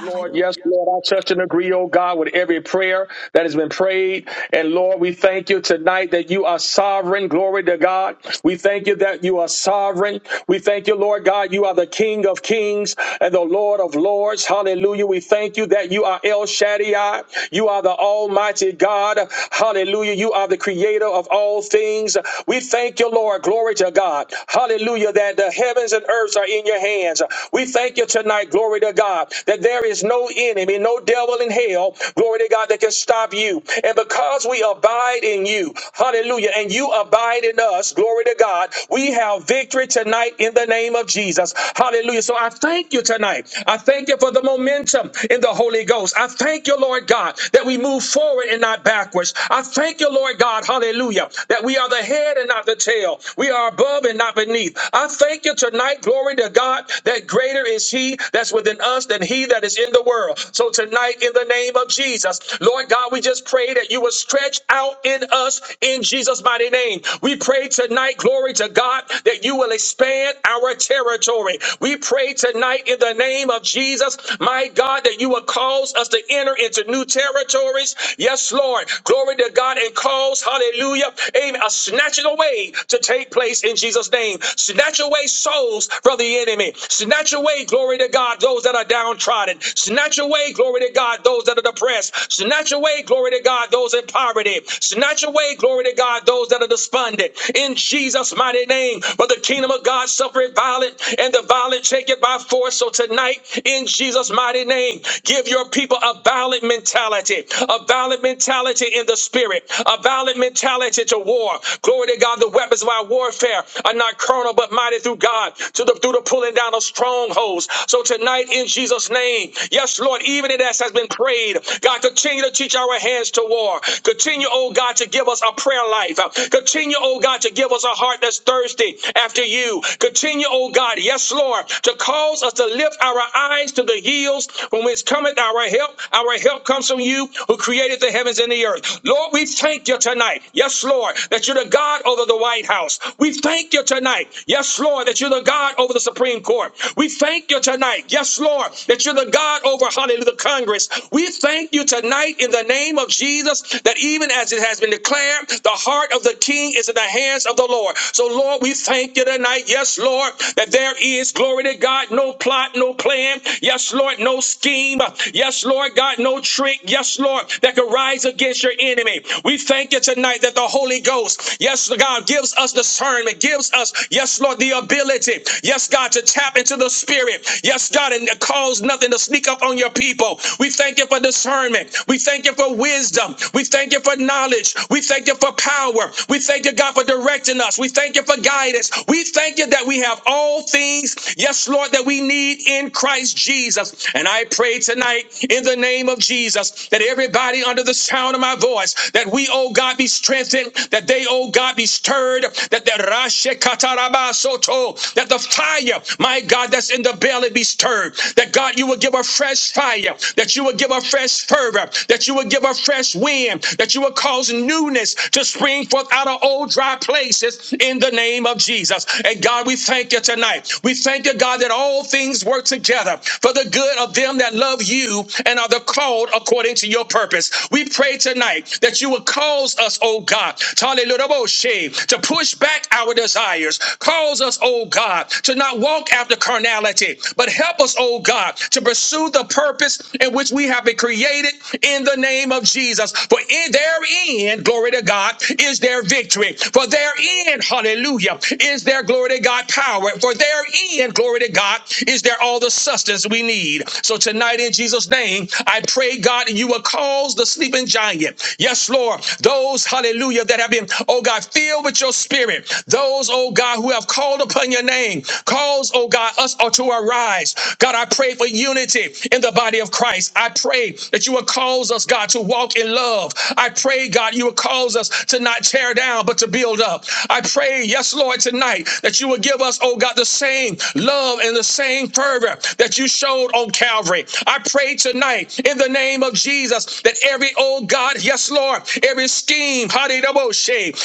Lord, yes, Lord. I touch and agree, oh God, with every prayer. that has been prayed. And Lord, we thank you tonight that you are sovereign. Glory to God. We thank you that you are sovereign. We thank you, Lord God, you are the King of kings and the Lord of lords. Hallelujah. We thank you that you are El Shaddai. You are the Almighty God. Hallelujah. You are the creator of all things. We thank you, Lord. Glory to God. Hallelujah. That the heavens and earths are in your hands. We thank you tonight. Glory to God. That there is no enemy, no devil in hell. Glory to God that can stop you. And because we abide in you, hallelujah, and you abide in us, glory to God, we have victory tonight in the name of Jesus. Hallelujah. So I thank you tonight. I thank you for the momentum in the Holy Ghost. I thank you, Lord God, that we move forward and not backwards. I thank you, Lord God, hallelujah, that we are the head and not the tail. We are above and not beneath. I thank you tonight, glory to God, that greater is He that's within us than He that is in the world. So tonight, in the name of Jesus, Jesus. Lord God, we just pray that you will stretch out in us in Jesus' mighty name. We pray tonight, glory to God, that you will expand our territory. We pray tonight in the name of Jesus, my God, that you will cause us to enter into new territories. Yes, Lord. Glory to God and cause, hallelujah, amen, a snatching away to take place in Jesus' name. Snatch away souls from the enemy. Snatch away, glory to God, those that are downtrodden. Snatch away, glory to God, those that are the oppressed. Snatch away, glory to God, those in poverty. Snatch away, glory to God, those that are despondent. In Jesus' mighty name. For the kingdom of God suffereth violent, and the violent take it by force. So tonight, in Jesus' mighty name, give your people a violent mentality, a violent mentality in the spirit, a violent mentality to war. Glory to God, the weapons of our warfare are not carnal but mighty through God, to the through the pulling down of strongholds. So tonight, in Jesus' name, yes, Lord, even it as has been been prayed. God, continue to teach our hands to war. Continue, oh God, to give us a prayer life. Continue, oh God, to give us a heart that's thirsty after you. Continue, oh God, yes, Lord, to cause us to lift our eyes to the hills from which cometh our help. Our help comes from you who created the heavens and the earth. Lord, we thank you tonight. Yes, Lord, that you're the God over the White House. We thank you tonight. Yes, Lord, that you're the God over the Supreme Court. We thank you tonight. Yes, Lord, that you're the God over hallelujah Congress. We thank you tonight in the name of Jesus that even as it has been declared, the heart of the king is in the hands of the Lord. So, Lord, we thank you tonight. Yes, Lord, that there is glory to God, no plot, no plan. Yes, Lord, no scheme. Yes, Lord God, no trick. Yes, Lord, that could rise against your enemy. We thank you tonight that the Holy Ghost, yes, God, gives us discernment, gives us, yes, Lord, the ability, yes, God, to tap into the Spirit. Yes, God, and cause nothing to sneak up on your people people. We thank you for discernment. We thank you for wisdom. We thank you for knowledge. We thank you for power. We thank you, God, for directing us. We thank you for guidance. We thank you that we have all things, yes, Lord, that we need in Christ Jesus. And I pray tonight in the name of Jesus that everybody under the sound of my voice, that we, oh God, be strengthened, that they, oh God, be stirred, that the Rashe Katarabasoto, that the fire, my God, that's in the belly be stirred, that God, you will give a fresh fresh fire, that you would give a fresh fervor, that you would give a fresh wind, that you would cause newness to spring forth out of old dry places in the name of Jesus. And God, we thank you tonight. We thank you, God, that all things work together for the good of them that love you and are the called according to your purpose. We pray tonight that you would cause us, oh God, to oh, push back our desires. Cause us, oh God, to not walk after carnality, but help us, oh God, to pursue the purpose in which we have been created in the name of Jesus. For in therein, glory to God, is their victory. For therein, hallelujah, is their glory to God power. For therein, glory to God, is there all the sustenance we need. So tonight, in Jesus' name, I pray, God, you will cause the sleeping giant. Yes, Lord, those, hallelujah, that have been, oh God, filled with your spirit. Those, oh God, who have called upon your name, cause, oh God, us all to arise. God, I pray pray for unity in the body of Christ. I pray that you will cause us, God, to walk in love. I pray, God, you will cause us to not tear down, but to build up. I pray, yes, Lord, tonight that you will give us, oh God, the same love and the same fervor that you showed on Calvary. I pray tonight in the name of Jesus that every, oh God, yes, Lord, every scheme, hallelujah,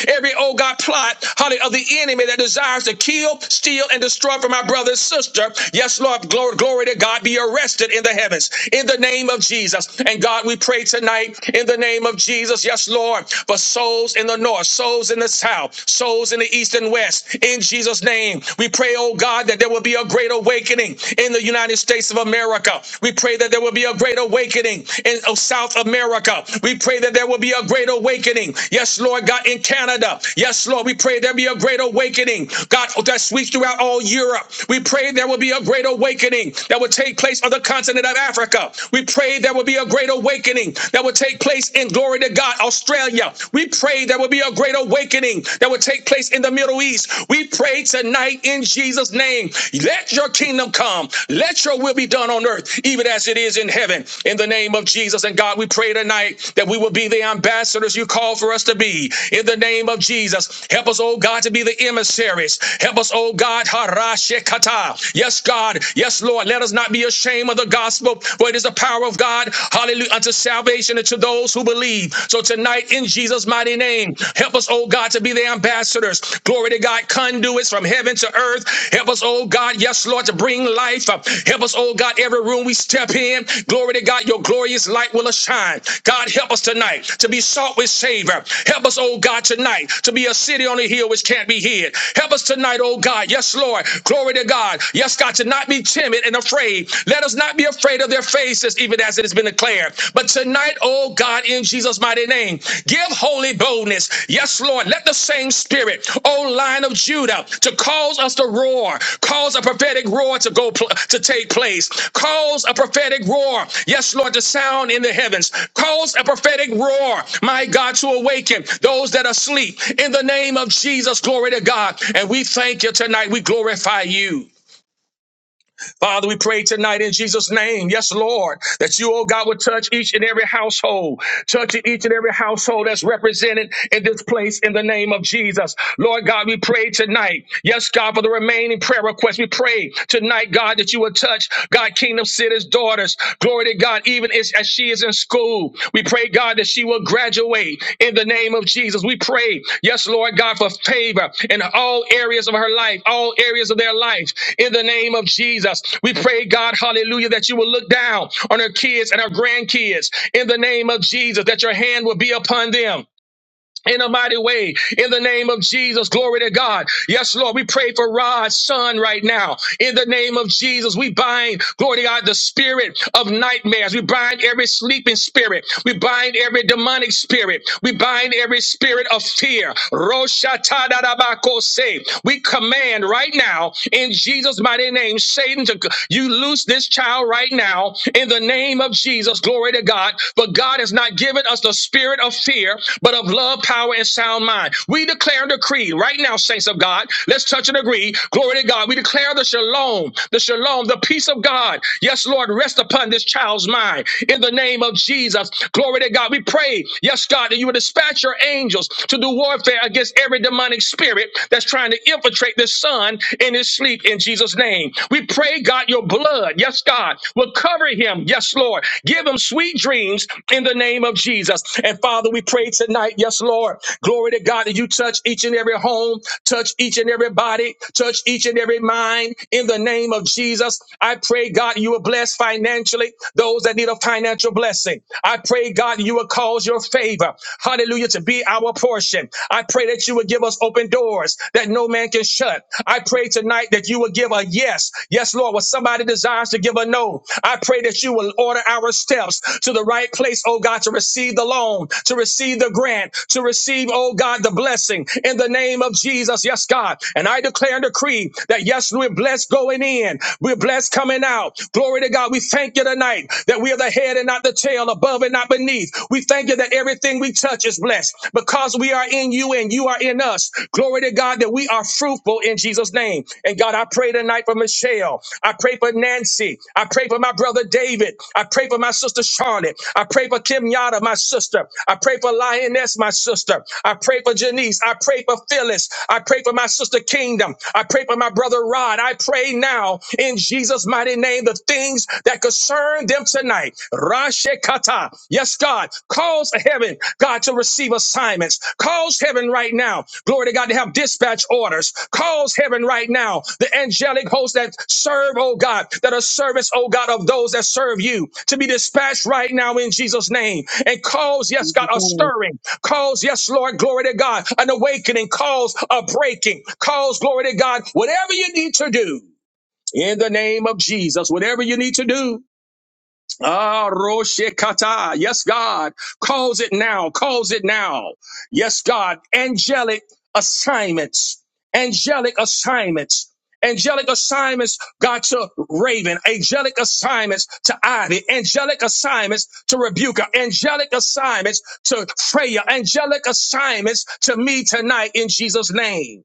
every, oh God, plot, hallelujah, of the enemy that desires to kill, steal, and destroy from my brother and sister. Yes, Lord, glory, glory glory to God, be arrested in the heavens in the name of Jesus. And God, we pray tonight in the name of Jesus, yes, Lord, for souls in the north, souls in the south, souls in the east and west, in Jesus' name. We pray, oh God, that there will be a great awakening in the United States of America. We pray that there will be a great awakening in oh, South America. We pray that there will be a great awakening, yes, Lord God, in Canada. Yes, Lord, we pray there be a great awakening, God, that sweeps throughout all Europe. We pray there will be a great awakening awakening that would take place on the continent of Africa. We pray there will be a great awakening that will take place in glory to God, Australia. We pray there will be a great awakening that will take place in the Middle East. We pray tonight in Jesus' name. Let your kingdom come. Let your will be done on earth, even as it is in heaven. In the name of Jesus and God, we pray tonight that we will be the ambassadors you call for us to be. In the name of Jesus, help us, oh God, to be the emissaries. Help us, oh God, harashekata. Yes, God. God. Yes, Lord, let us not be ashamed of the gospel, for it is the power of God. Hallelujah. Unto salvation and to those who believe. So tonight, in Jesus' mighty name, help us, oh God, to be the ambassadors. Glory to God, conduits from heaven to earth. Help us, oh God, yes, Lord, to bring life. Help us, oh God, every room we step in. Glory to God, your glorious light will shine. God, help us tonight to be salt with savor. Help us, oh God, tonight to be a city on a hill which can't be hid. Help us tonight, oh God. Yes, Lord. Glory to God. Yes. Yes, God, to not be timid and afraid. Let us not be afraid of their faces, even as it has been declared. But tonight, oh God, in Jesus' mighty name, give holy boldness. Yes, Lord, let the same spirit, oh line of Judah, to cause us to roar, cause a prophetic roar to go pl- to take place, cause a prophetic roar. Yes, Lord, to sound in the heavens, cause a prophetic roar, my God, to awaken those that are asleep. In the name of Jesus, glory to God. And we thank you tonight. We glorify you. Father, we pray tonight in Jesus' name, yes, Lord, that you, oh God, would touch each and every household, touch each and every household that's represented in this place in the name of Jesus. Lord God, we pray tonight, yes, God, for the remaining prayer requests. We pray tonight, God, that you would touch, God, Kingdom City's daughters. Glory to God, even its as, as she is in school. We pray, God, that she will graduate in the name of Jesus. We pray, yes, Lord God, for favor in all areas of her life, all areas of their life, in the name of Jesus. We pray, God, hallelujah, that you will look down on her kids and her grandkids in the name of Jesus, that your hand will be upon them in a mighty way in the name of Jesus. Glory to God. Yes, Lord, we pray for Rod's son right now in the name of Jesus. We bind, glory to God, the spirit of nightmares. We bind every sleeping spirit. We bind every demonic spirit. We bind every spirit of fear. Roshatadabakose. We command right now in Jesus' mighty name, Satan, to you loose this child right now in the name of Jesus. Glory to God. But God has not given us the spirit of fear, but of love love, power, and sound mind. We declare and decree right now, saints of God. Let's touch and agree. Glory to God. We declare the shalom, the shalom, the peace of God. Yes, Lord, rest upon this child's mind in the name of Jesus. Glory to God. We pray, yes, God, that you would dispatch your angels to do warfare against every demonic spirit that's trying to infiltrate this son in his sleep in Jesus' name. We pray, God, your blood, yes, God, will cover him. Yes, Lord. Give him sweet dreams in the name of Jesus. And Father, we pray tonight, yes, Yes, Lord. Glory to God that you touch each and every home, touch each and every body, touch each and every mind in the name of Jesus. I pray, God, you will bless financially those that need a financial blessing. I pray, God, you will cause your favor, hallelujah, to be our portion. I pray that you will give us open doors that no man can shut. I pray tonight that you will give a yes. Yes, Lord, when somebody desires to give a no, I pray that you will order our steps to the right place, oh God, to receive the loan, to receive the grant, back to receive, oh God, the blessing in the name of Jesus. Yes, God. And I declare and decree that yes, we're blessed going in. We're blessed coming out. Glory to God. We thank you tonight that we are the head and not the tail, above and not beneath. We thank you that everything we touch is blessed because we are in you and you are in us. Glory to God that we are fruitful in Jesus' name. And God, I pray tonight for Michelle. I pray for Nancy. I pray for my brother David. I pray for my sister Charlotte. I pray for Kim Yada, my sister. I pray for Lioness. Vanessa, my sister. I pray for Janice. I pray for Phyllis. I pray for my sister Kingdom. I pray for my brother Rod. I pray now in Jesus' mighty name the things that concern them tonight. Rashekata. Yes, God. Cause heaven, God, to receive assignments. Cause heaven right now, glory to God, to have dispatch orders. Cause heaven right now, the angelic hosts that serve, oh God, that are service, oh God, of those that serve you to be dispatched right now in Jesus' name and cause, yes, God, a stirring. Cause, yes, Lord, glory to God, an awakening. Cause a breaking. Cause, glory to God, whatever you need to do in the name of Jesus, whatever you need to do Ah, Roshekata. Yes, God. Calls it now. Calls it now. Yes, God. Angelic assignments. Angelic assignments. Angelic assignments, God, to Raven. Angelic assignments to Ivy. Angelic assignments to Rebuka. Angelic assignments to Freya. Angelic assignments to me tonight in Jesus' name.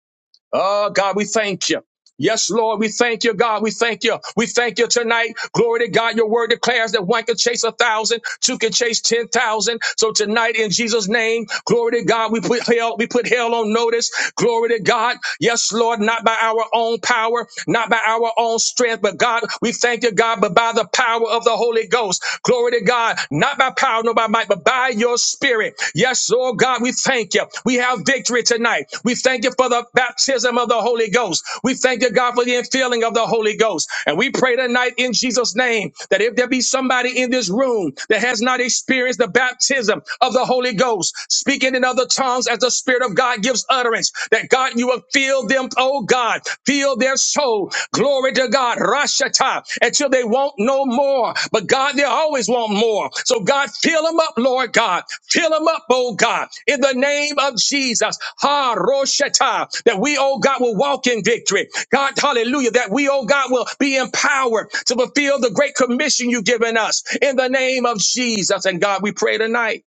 Oh, God, we thank you. Yes, Lord, we thank you, God. We thank you. We thank you tonight. Glory to God. Your word declares that one can chase a thousand, two can chase ten thousand. So tonight, in Jesus' name, glory to God, we put hell, we put hell on notice. Glory to God. Yes, Lord, not by our own power, not by our own strength, but God, we thank you, God, but by the power of the Holy Ghost. Glory to God, not by power, nor by might, but by by your spirit. Yes, Lord God, we thank you. We have victory tonight. We thank you for the baptism of the Holy Ghost. We thank you, God, for the infilling of the Holy Ghost. And we pray tonight in Jesus' name that if there be somebody in this room that has not experienced the baptism of the Holy Ghost, speaking in other tongues as the Spirit of God gives utterance, that God, you will fill them, oh God, fill their soul. Glory to God. Rashata. Until they want no more. But God, they always want more. So God, fill them up, Lord God. Fill them up, oh God. In the name of Jesus. Ha Roshata. That we, oh God, will walk in victory. God, hallelujah. That we, oh God, will be empowered to fulfill the great commission you've given us. In the name of Jesus. And God, we pray tonight.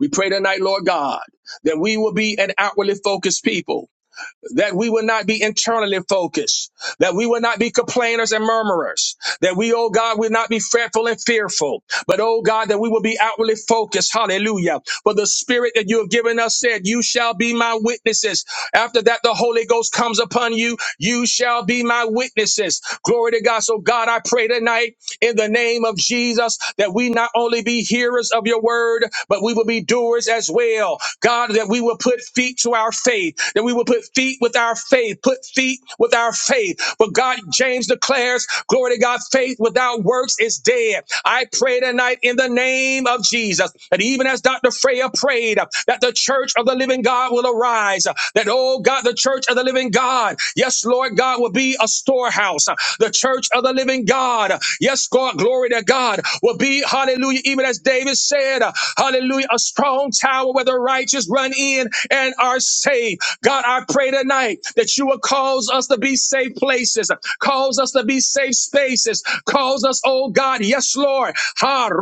We pray tonight, Lord God, that we will be an outwardly focused people that we will not be internally focused, that we will not be complainers and murmurers, that we, oh God, will not be fretful and fearful, but oh God, that we will be outwardly focused. Hallelujah. For the spirit that you have given us said, You shall be my witnesses. After that, the Holy Ghost comes upon you. You shall be my witnesses. Glory to God. So, God, I pray tonight in the name of Jesus, that we not only be hearers of your word, but we will be doers as well. God, that we will put feet to our faith, that we will put feet with our faith, put feet with our faith. But God, James declares, glory to God, faith without works is dead. I pray tonight in the name of Jesus, that even as Dr. Freya prayed, that the church of the living God will arise, that oh. Oh God, the church of the living God. Yes, Lord God, will be a storehouse. The church of the living God. Yes, God, glory to God, will be, hallelujah, even as David said, hallelujah, a strong tower where the righteous run in and are saved. God, I pray tonight that you will cause us to be safe places, cause us to be safe spaces, cause us, oh God, yes, Lord. ha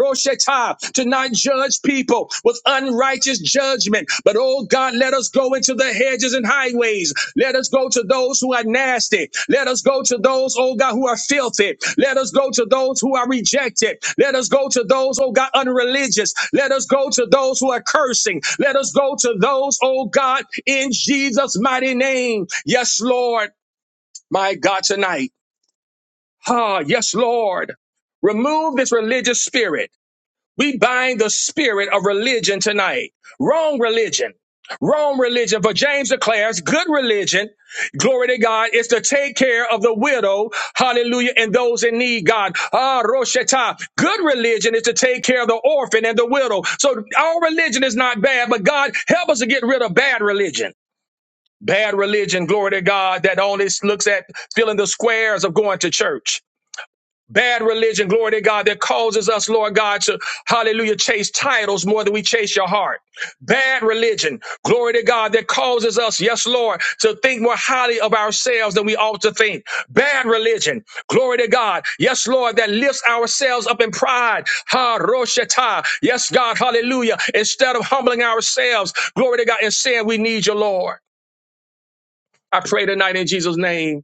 to not judge people with unrighteous judgment. But oh God, let us go into the hedges and highways. Let us go to those who are nasty. Let us go to those, oh God, who are filthy. Let us go to those who are rejected. Let us go to those, oh God, unreligious. Let us go to those who are cursing. Let us go to those, oh God, in Jesus' mighty name. Yes, Lord, my God, tonight. Ah, yes, Lord. Remove this religious spirit. We bind the spirit of religion tonight. Wrong religion. Wrong religion. But James declares good religion, glory to God, is to take care of the widow, hallelujah, and those in need, God. Ah, Roshata. Good religion is to take care of the orphan and the widow. So our religion is not bad, but God, help us to get rid of bad religion. Bad religion, glory to God, that only looks at filling the squares of going to church bad religion, glory to God, that causes us, Lord God, to hallelujah, chase titles more than we chase your heart. Bad religion, glory to God, that causes us, yes, Lord, to think more highly of ourselves than we ought to think. Bad religion, glory to God, yes, Lord, that lifts ourselves up in pride. Ha Roshata, yes, God, hallelujah. Instead of humbling ourselves, glory to God, and saying we need you, Lord. I pray tonight in Jesus' name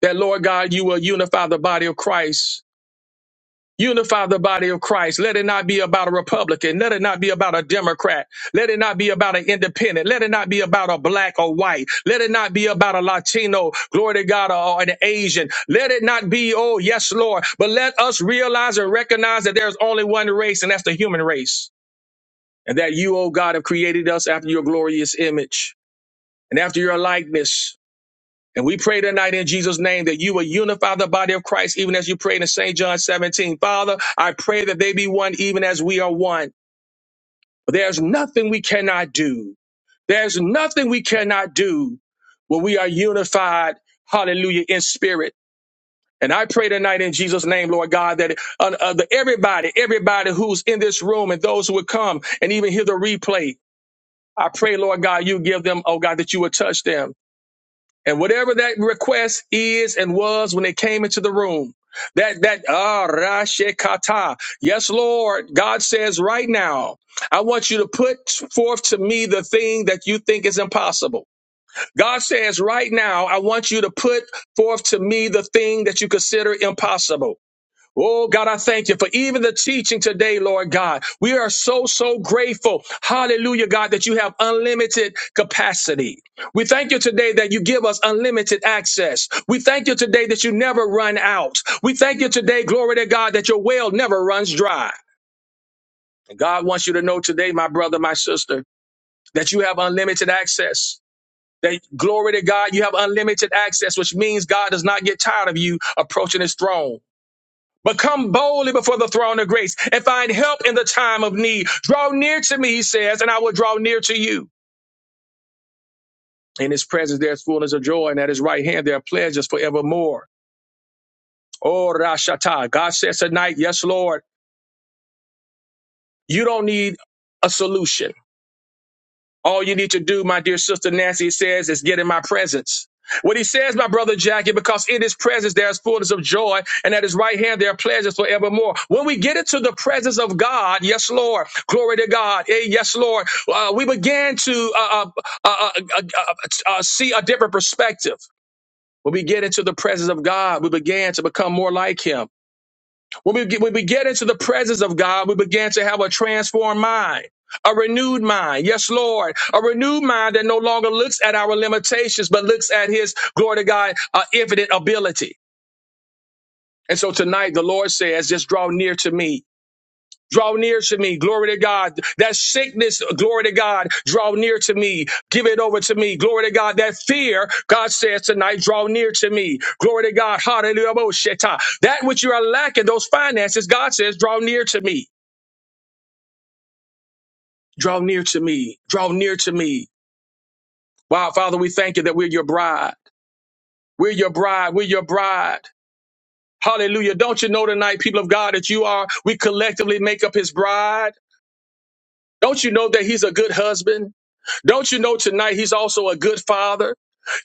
that, Lord God, you will unify the body of Christ Unify the body of Christ. Let it not be about a Republican. Let it not be about a Democrat. Let it not be about an independent. Let it not be about a black or white. Let it not be about a Latino, glory to God, or an Asian. Let it not be, oh, yes, Lord. But let us realize and recognize that there's only one race, and that's the human race. And that you, oh God, have created us after your glorious image and after your likeness and we pray tonight in Jesus' name that you will unify the body of Christ, even as you prayed in St. John 17. Father, I pray that they be one, even as we are one. But there's nothing we cannot do. There's nothing we cannot do when we are unified, hallelujah, in spirit. And I pray tonight in Jesus' name, Lord God, that uh, uh, that everybody, everybody who's in this room and those who would come and even hear the replay, I pray, Lord God, you give them, oh God, that you would touch them. And whatever that request is and was when they came into the room, that that ah rashekata. Yes, Lord, God says right now, I want you to put forth to me the thing that you think is impossible. God says right now, I want you to put forth to me the thing that you consider impossible. Oh God, I thank you for even the teaching today, Lord God. We are so, so grateful. Hallelujah, God, that you have unlimited capacity. We thank you today that you give us unlimited access. We thank you today that you never run out. We thank you today, glory to God, that your well never runs dry. And God wants you to know today, my brother, my sister, that you have unlimited access. That glory to God, you have unlimited access, which means God does not get tired of you approaching his throne. But come boldly before the throne of grace and find help in the time of need. Draw near to me, he says, and I will draw near to you. In his presence, there is fullness of joy, and at his right hand, there are pleasures forevermore. Oh, Rashata. God says tonight, yes, Lord, you don't need a solution. All you need to do, my dear sister Nancy says, is get in my presence. What he says, my brother Jackie, because in his presence there is fullness of joy, and at his right hand there are pleasures forevermore. When we get into the presence of God, yes, Lord, glory to God, hey, yes, Lord, uh, we begin to uh, uh, uh, uh, uh, uh, uh, see a different perspective. When we get into the presence of God, we begin to become more like Him. When we, get, when we get into the presence of God, we begin to have a transformed mind, a renewed mind. Yes, Lord, a renewed mind that no longer looks at our limitations, but looks at His glory to God, uh, infinite ability. And so tonight, the Lord says, just draw near to me. Draw near to me. Glory to God. That sickness, glory to God. Draw near to me. Give it over to me. Glory to God. That fear, God says tonight, draw near to me. Glory to God. Hallelujah. Bosheta. That which you are lacking, those finances, God says, draw near to me. Draw near to me. Draw near to me. Wow, Father, we thank you that we're your bride. We're your bride. We're your bride. Hallelujah. Don't you know tonight, people of God, that you are, we collectively make up his bride? Don't you know that he's a good husband? Don't you know tonight he's also a good father?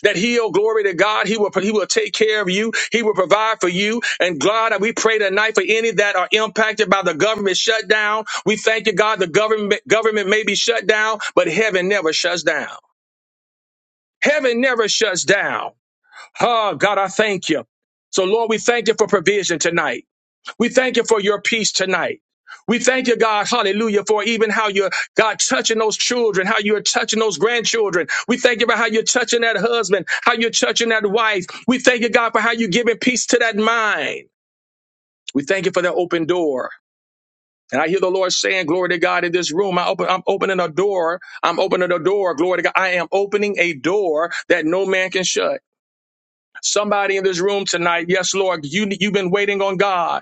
That he'll glory to God. He will he will take care of you. He will provide for you. And God, we pray tonight for any that are impacted by the government shutdown. We thank you, God. The government government may be shut down, but heaven never shuts down. Heaven never shuts down. Oh God, I thank you. So Lord, we thank you for provision tonight. We thank you for your peace tonight. We thank you, God, hallelujah, for even how you're, God, touching those children, how you're touching those grandchildren. We thank you for how you're touching that husband, how you're touching that wife. We thank you, God, for how you're giving peace to that mind. We thank you for that open door. And I hear the Lord saying, glory to God in this room. I open, I'm opening a door. I'm opening a door. Glory to God. I am opening a door that no man can shut. Somebody in this room tonight, yes, Lord, you, you've been waiting on God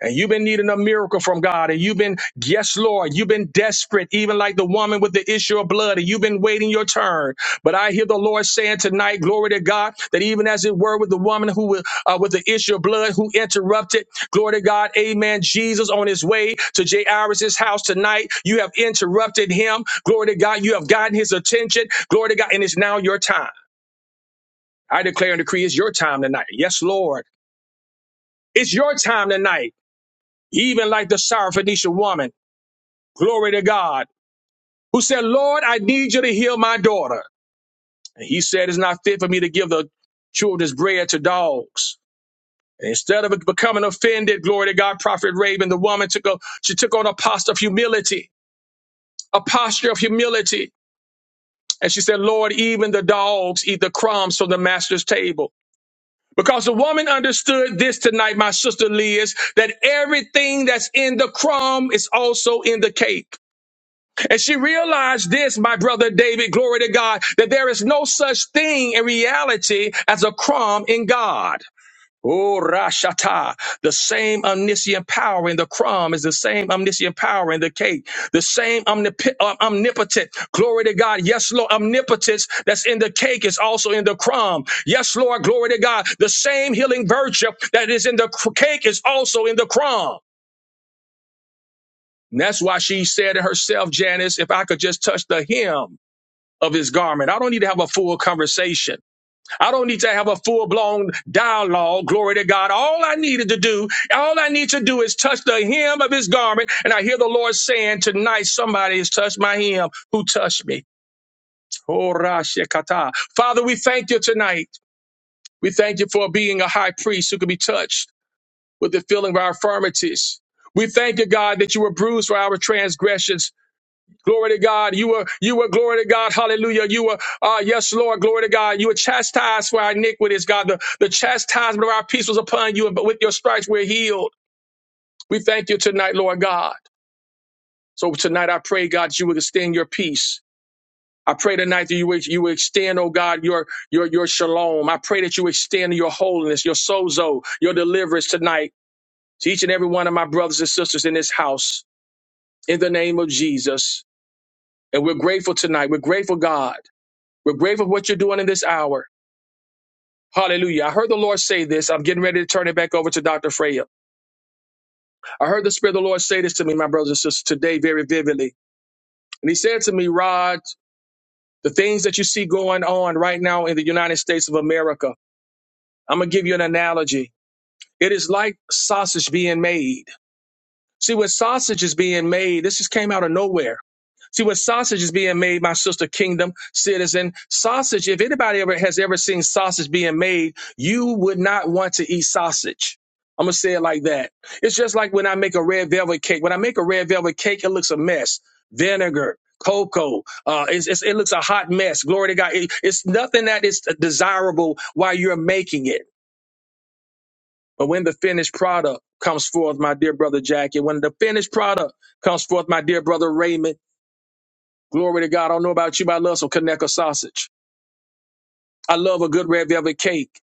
and you've been needing a miracle from God, and you've been, yes, Lord, you've been desperate, even like the woman with the issue of blood, and you've been waiting your turn. But I hear the Lord saying tonight, glory to God, that even as it were with the woman who wa- uh, with the issue of blood who interrupted, glory to God, amen. Jesus on his way to Jairus' house tonight, you have interrupted him, glory to God, you have gotten his attention, glory to God, and it's now your time. I declare and decree it's your time tonight. Yes, Lord, it's your time tonight even like the Syrophoenician woman. Glory to God. Who said, Lord, I need you to heal my daughter. And he said, It's not fit for me to give the children's bread to dogs. And instead of becoming offended, glory to God, Prophet Raven, the woman took a, she took on a posture of humility, a posture of humility. And she said, Lord, even the dogs eat the crumbs from the master's table. Because the woman understood this tonight, my sister Liz, that everything that's in the crumb is also in the cake. And she realized this, my brother David, glory to God, that there is no such thing in reality as a crumb in God. Oh, Rashata. The same omniscient power in the crumb is the same omniscient power in the cake. The same omnip- uh, omnipotent, glory to God. Yes, Lord, omnipotence that's in the cake is also in the crumb. Yes, Lord, glory to God. The same healing virtue that is in the cr- cake is also in the crumb. And that's why she said to herself, Janice, if I could just touch the hem of his garment. I don't need to have a full conversation. I don't need to have a full blown dialogue. Glory to God. All I needed to do, all I need to do is touch the hem of his garment. And I hear the Lord saying, Tonight somebody has touched my hem. Who touched me? Oh, Rashikata. Father, we thank you tonight. We thank you for being a high priest who can be touched with the feeling of our infirmities. We thank you, God, that you were bruised for our transgressions Glory to God. You were, you were, glory to God. Hallelujah. You were, uh, yes, Lord. Glory to God. You were chastised for our iniquities, God. The, the chastisement of our peace was upon you, but with your stripes we're healed. We thank you tonight, Lord God. So tonight I pray, God, that you would extend your peace. I pray tonight that you would, you would extend, oh God, your, your, your shalom. I pray that you extend your holiness, your sozo, your deliverance tonight to each and every one of my brothers and sisters in this house in the name of Jesus. And we're grateful tonight. We're grateful, God. We're grateful for what you're doing in this hour. Hallelujah. I heard the Lord say this. I'm getting ready to turn it back over to Dr. Freya. I heard the Spirit of the Lord say this to me, my brothers and sisters, today very vividly. And he said to me, Rod, the things that you see going on right now in the United States of America, I'm going to give you an analogy. It is like sausage being made. See, when sausage is being made, this just came out of nowhere. See what sausage is being made, my sister, kingdom citizen. Sausage, if anybody ever has ever seen sausage being made, you would not want to eat sausage. I'm gonna say it like that. It's just like when I make a red velvet cake. When I make a red velvet cake, it looks a mess. Vinegar, cocoa, uh, it's, it's, it looks a hot mess. Glory to God. It- it's nothing that is desirable while you're making it. But when the finished product comes forth, my dear brother Jackie, when the finished product comes forth, my dear brother Raymond, Glory to God. I don't know about you, but I love some Kaneka sausage. I love a good red velvet cake.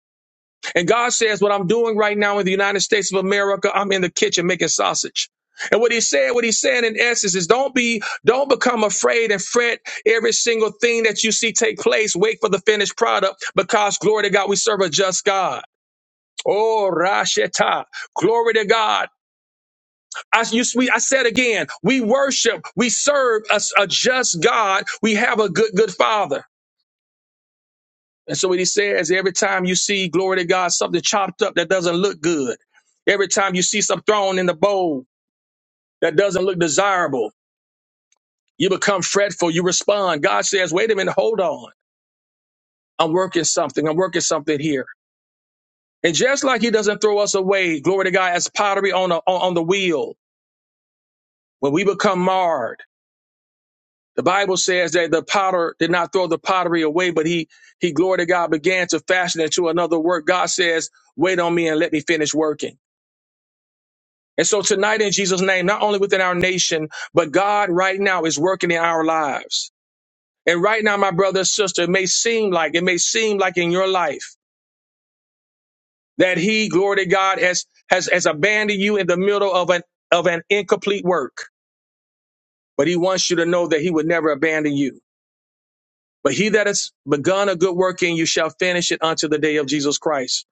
And God says, what I'm doing right now in the United States of America, I'm in the kitchen making sausage. And what he said, what he's saying in essence is don't be, don't become afraid and fret every single thing that you see take place. Wait for the finished product because glory to God, we serve a just God. Oh, Rasheta. Glory to God. I, you, we, I said again, we worship, we serve a, a just God. We have a good, good father. And so what he says, every time you see, glory to God, something chopped up that doesn't look good, every time you see something thrown in the bowl that doesn't look desirable, you become fretful, you respond. God says, wait a minute, hold on. I'm working something. I'm working something here. And just like he doesn't throw us away, glory to God, as pottery on, a, on, on the wheel, when we become marred, the Bible says that the potter did not throw the pottery away, but he, he, glory to God, began to fashion it to another work. God says, wait on me and let me finish working. And so tonight in Jesus' name, not only within our nation, but God right now is working in our lives. And right now, my brother and sister, it may seem like, it may seem like in your life that he, glory to God, has, has, has abandoned you in the middle of an, of an incomplete work. But he wants you to know that he would never abandon you. But he that has begun a good work in you shall finish it unto the day of Jesus Christ.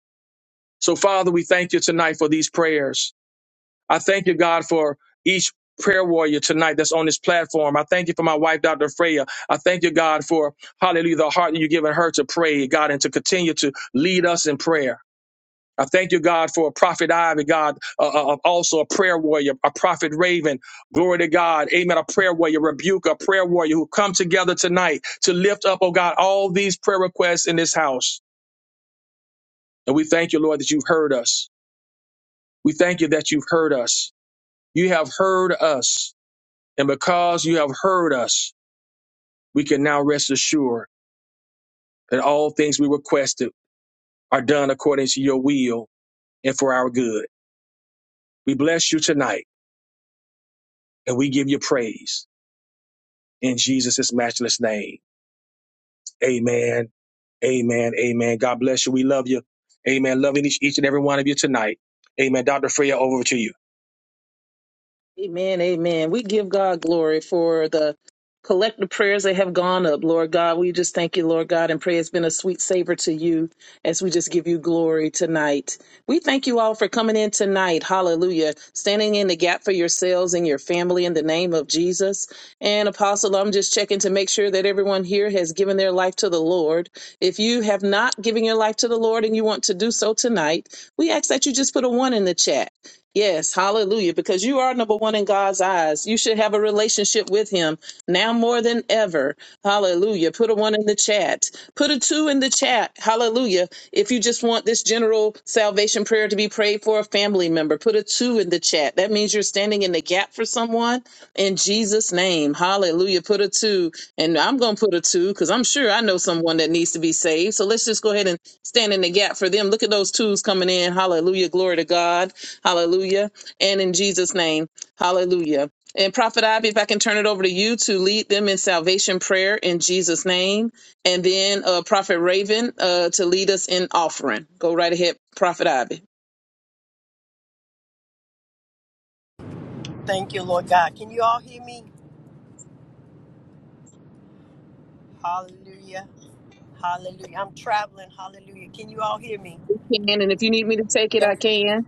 So Father, we thank you tonight for these prayers. I thank you, God, for each prayer warrior tonight that's on this platform. I thank you for my wife, Dr. Freya. I thank you, God, for hallelujah, the heart that you've given her to pray, God, and to continue to lead us in prayer. I thank you, God, for Prophet Ivy, God, uh, uh, uh, also a prayer warrior, a Prophet Raven. Glory to God. Amen. A prayer warrior, rebuke, a prayer warrior who come together tonight to lift up, oh God, all these prayer requests in this house. And we thank you, Lord, that you've heard us. We thank you that you've heard us. You have heard us. And because you have heard us, we can now rest assured that all things we requested are done according to your will and for our good. We bless you tonight and we give you praise in Jesus' matchless name. Amen. Amen. Amen. God bless you. We love you. Amen. Loving each, each and every one of you tonight. Amen. Dr. Freya, over to you.
Amen, amen. We give God glory for the collective prayers that have gone up, Lord God. We just thank you, Lord God, and pray it's been a sweet savor to you as we just give you glory tonight. We thank you all for coming in tonight. Hallelujah. Standing in the gap for yourselves and your family in the name of Jesus. And Apostle, I'm just checking to make sure that everyone here has given their life to the Lord. If you have not given your life to the Lord and you want to do so tonight, we ask that you just put a one in the chat. Yes, hallelujah. Because you are number one in God's eyes. You should have a relationship with Him now more than ever. Hallelujah. Put a one in the chat. Put a two in the chat. Hallelujah. If you just want this general salvation prayer to be prayed for a family member, put a two in the chat. That means you're standing in the gap for someone in Jesus' name. Hallelujah. Put a two. And I'm going to put a two because I'm sure I know someone that needs to be saved. So let's just go ahead and stand in the gap for them. Look at those twos coming in. Hallelujah. Glory to God. Hallelujah. And in Jesus' name, hallelujah. And Prophet Ivy, if I can turn it over to you to lead them in salvation prayer in Jesus' name. And then uh, Prophet Raven uh, to lead us in offering. Go right ahead, Prophet Ivy.
Thank you, Lord God. Can you all hear me? Hallelujah. Hallelujah. I'm traveling. Hallelujah. Can you all hear me?
can, and if you need me to take it, I
Thank you.
can.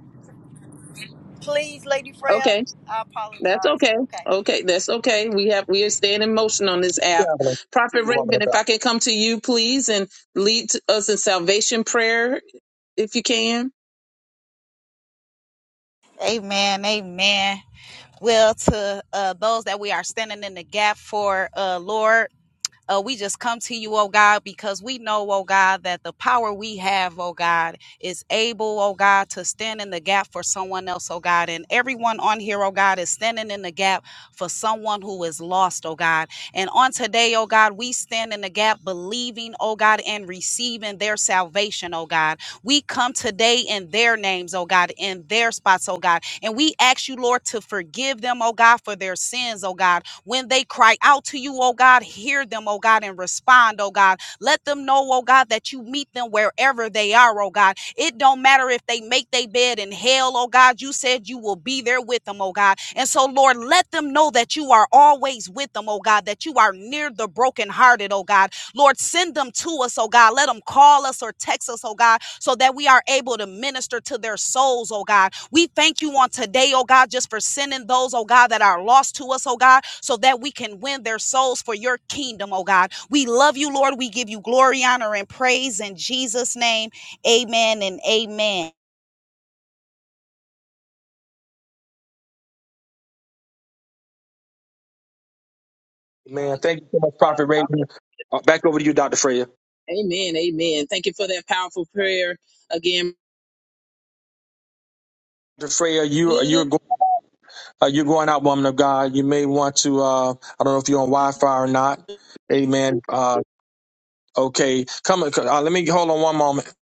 Please, Lady
Okay.
Freya, I
That's
apologize.
okay.
Okay.
Okay, that's okay. We have we are staying in motion on this app.
Traveling.
Prophet
you, woman
Raven,
of
if
God.
I can come to you, please, and lead to us in salvation prayer, if you can.
Amen. Amen. Well, to uh, those that we are standing in the gap for, uh, Lord. Uh, we just come to you, oh God, because we know, oh God, that the power we have, oh God, is able, oh God, to stand in the gap for someone else, oh God. And everyone on here, oh God, is standing in the gap for someone who is lost, oh God. And on today, oh God, we stand in the gap believing, oh God, and receiving their salvation, oh God. We come today in their names, oh God, in their spots, oh God. And we ask you, Lord, to forgive them, oh God, for their sins, oh God when they cry out to you, oh God, hear them, oh God, and respond, oh God. Let them know, oh God, that you meet them wherever they are, oh God. It don't matter if they make their bed in hell, oh God. You said you will be there with them, oh God. And so, Lord, let them know that you are always with them, oh God, that you are near the brokenhearted, oh God. Lord, send them to us, oh God. Let them call us or text us, oh God, so that we are able to minister to their souls, oh God. We thank you on today, oh God, just for sending those, oh God, that are lost to us, oh God, so that we can win their souls for your kingdom, oh God. We love you, Lord. We give you glory, honor, and praise in Jesus' name. Amen and amen.
God,
Uh, yeah.
amen, amen. Thank you for that powerful prayer again.
Dr. Freya, you
Good.
you're go- uh, you're going out, woman of God. You may want to. Uh, I don't know if you're on Wi-Fi or not. Amen. Uh, Okay, come. Uh, let me hold on one moment.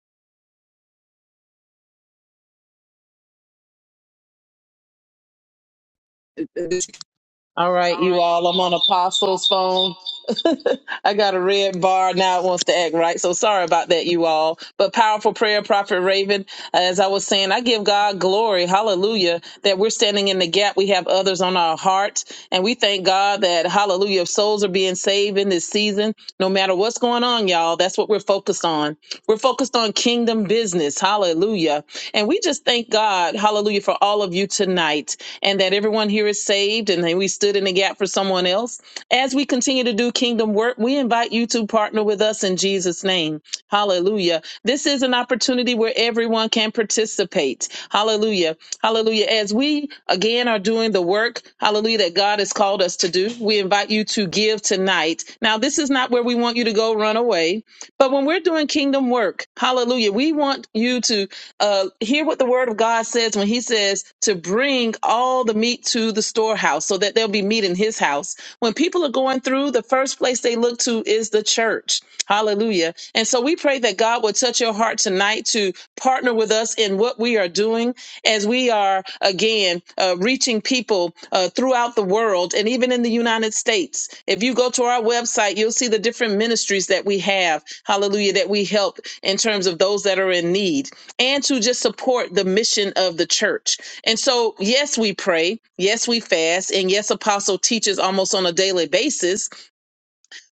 All right, you all. I'm on Apostle's phone. I got a red bar now. It wants to act right. So sorry about that, you all. But powerful prayer, Prophet Raven. As I was saying, I give God glory. Hallelujah. That we're standing in the gap. We have others on our hearts. And we thank God that, hallelujah, souls are being saved in this season. No matter what's going on, y'all, that's what we're focused on. We're focused on kingdom business. Hallelujah. And we just thank God, hallelujah, for all of you tonight and that everyone here is saved and that we stood in the gap for someone else. As we continue to do kingdom work, we invite you to partner with us in Jesus' name. Hallelujah. This is an opportunity where everyone can participate. Hallelujah. Hallelujah. As we again are doing the work, hallelujah, that God has called us to do, we invite you to give tonight. Now, this is not where we want you to go run away, but when we're doing kingdom work, hallelujah, we want you to uh, hear what the word of God says when he says to bring all the meat to the storehouse so that there'll be meat in his house. When people are going through, the first place they look to is the church. Hallelujah. And so we pray that God will touch your heart tonight to partner with us in what we are doing as we are, again, uh, reaching people uh, throughout the world and even in the United States. If you go to our website, you'll see the different ministries that we have. Hallelujah. That we help in terms of those that are in need and to just support the mission of the church. And so, yes, we pray, yes, we fast, and yes, Apostle teaches almost on a daily basis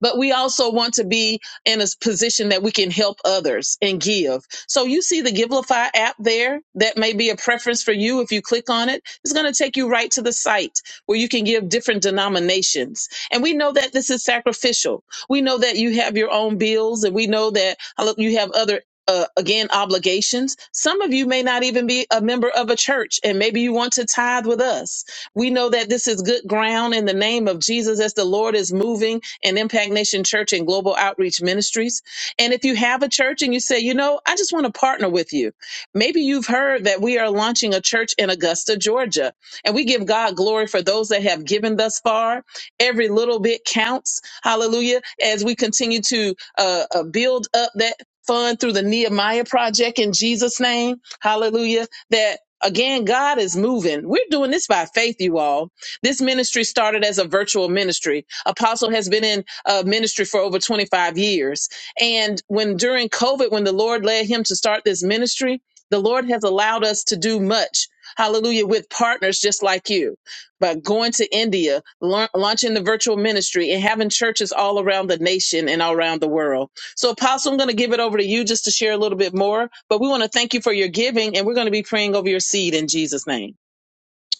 but we also want to be in a position that we can help others and give. So you see the Givelify app there. That may be a preference for you. If you click on it, it's going to take you right to the site where you can give different denominations. And we know that this is sacrificial. We know that you have your own bills and we know that uh, you have other uh, again, obligations. Some of you may not even be a member of a church, and maybe you want to tithe with us we know that this is good ground in the name of Jesus as the Lord is moving in Impact Nation Church and Global Outreach Ministries. And if you have a church and you say, you know, I just want to partner with you, maybe you've heard that we are launching a church in Augusta, Georgia. And we give God glory for those that have given thus far. Every little bit counts. Hallelujah. As we continue to uh, uh, build up that fund through the Nehemiah Project in Jesus' name. Hallelujah. That Again, God is moving. We're doing this by faith, you all. This ministry started as a virtual ministry. Apostle has been in uh, ministry for over 25 years. And when during COVID, when the Lord led him to start this ministry, the Lord has allowed us to do much. Hallelujah, with partners just like you. But going to India, lear- launching the virtual ministry, and having churches all around the nation and all around the world. So, Apostle, I'm going to give it over to you just to share a little bit more, but we want to thank you for your giving and we're going to be praying over your seed in Jesus' name.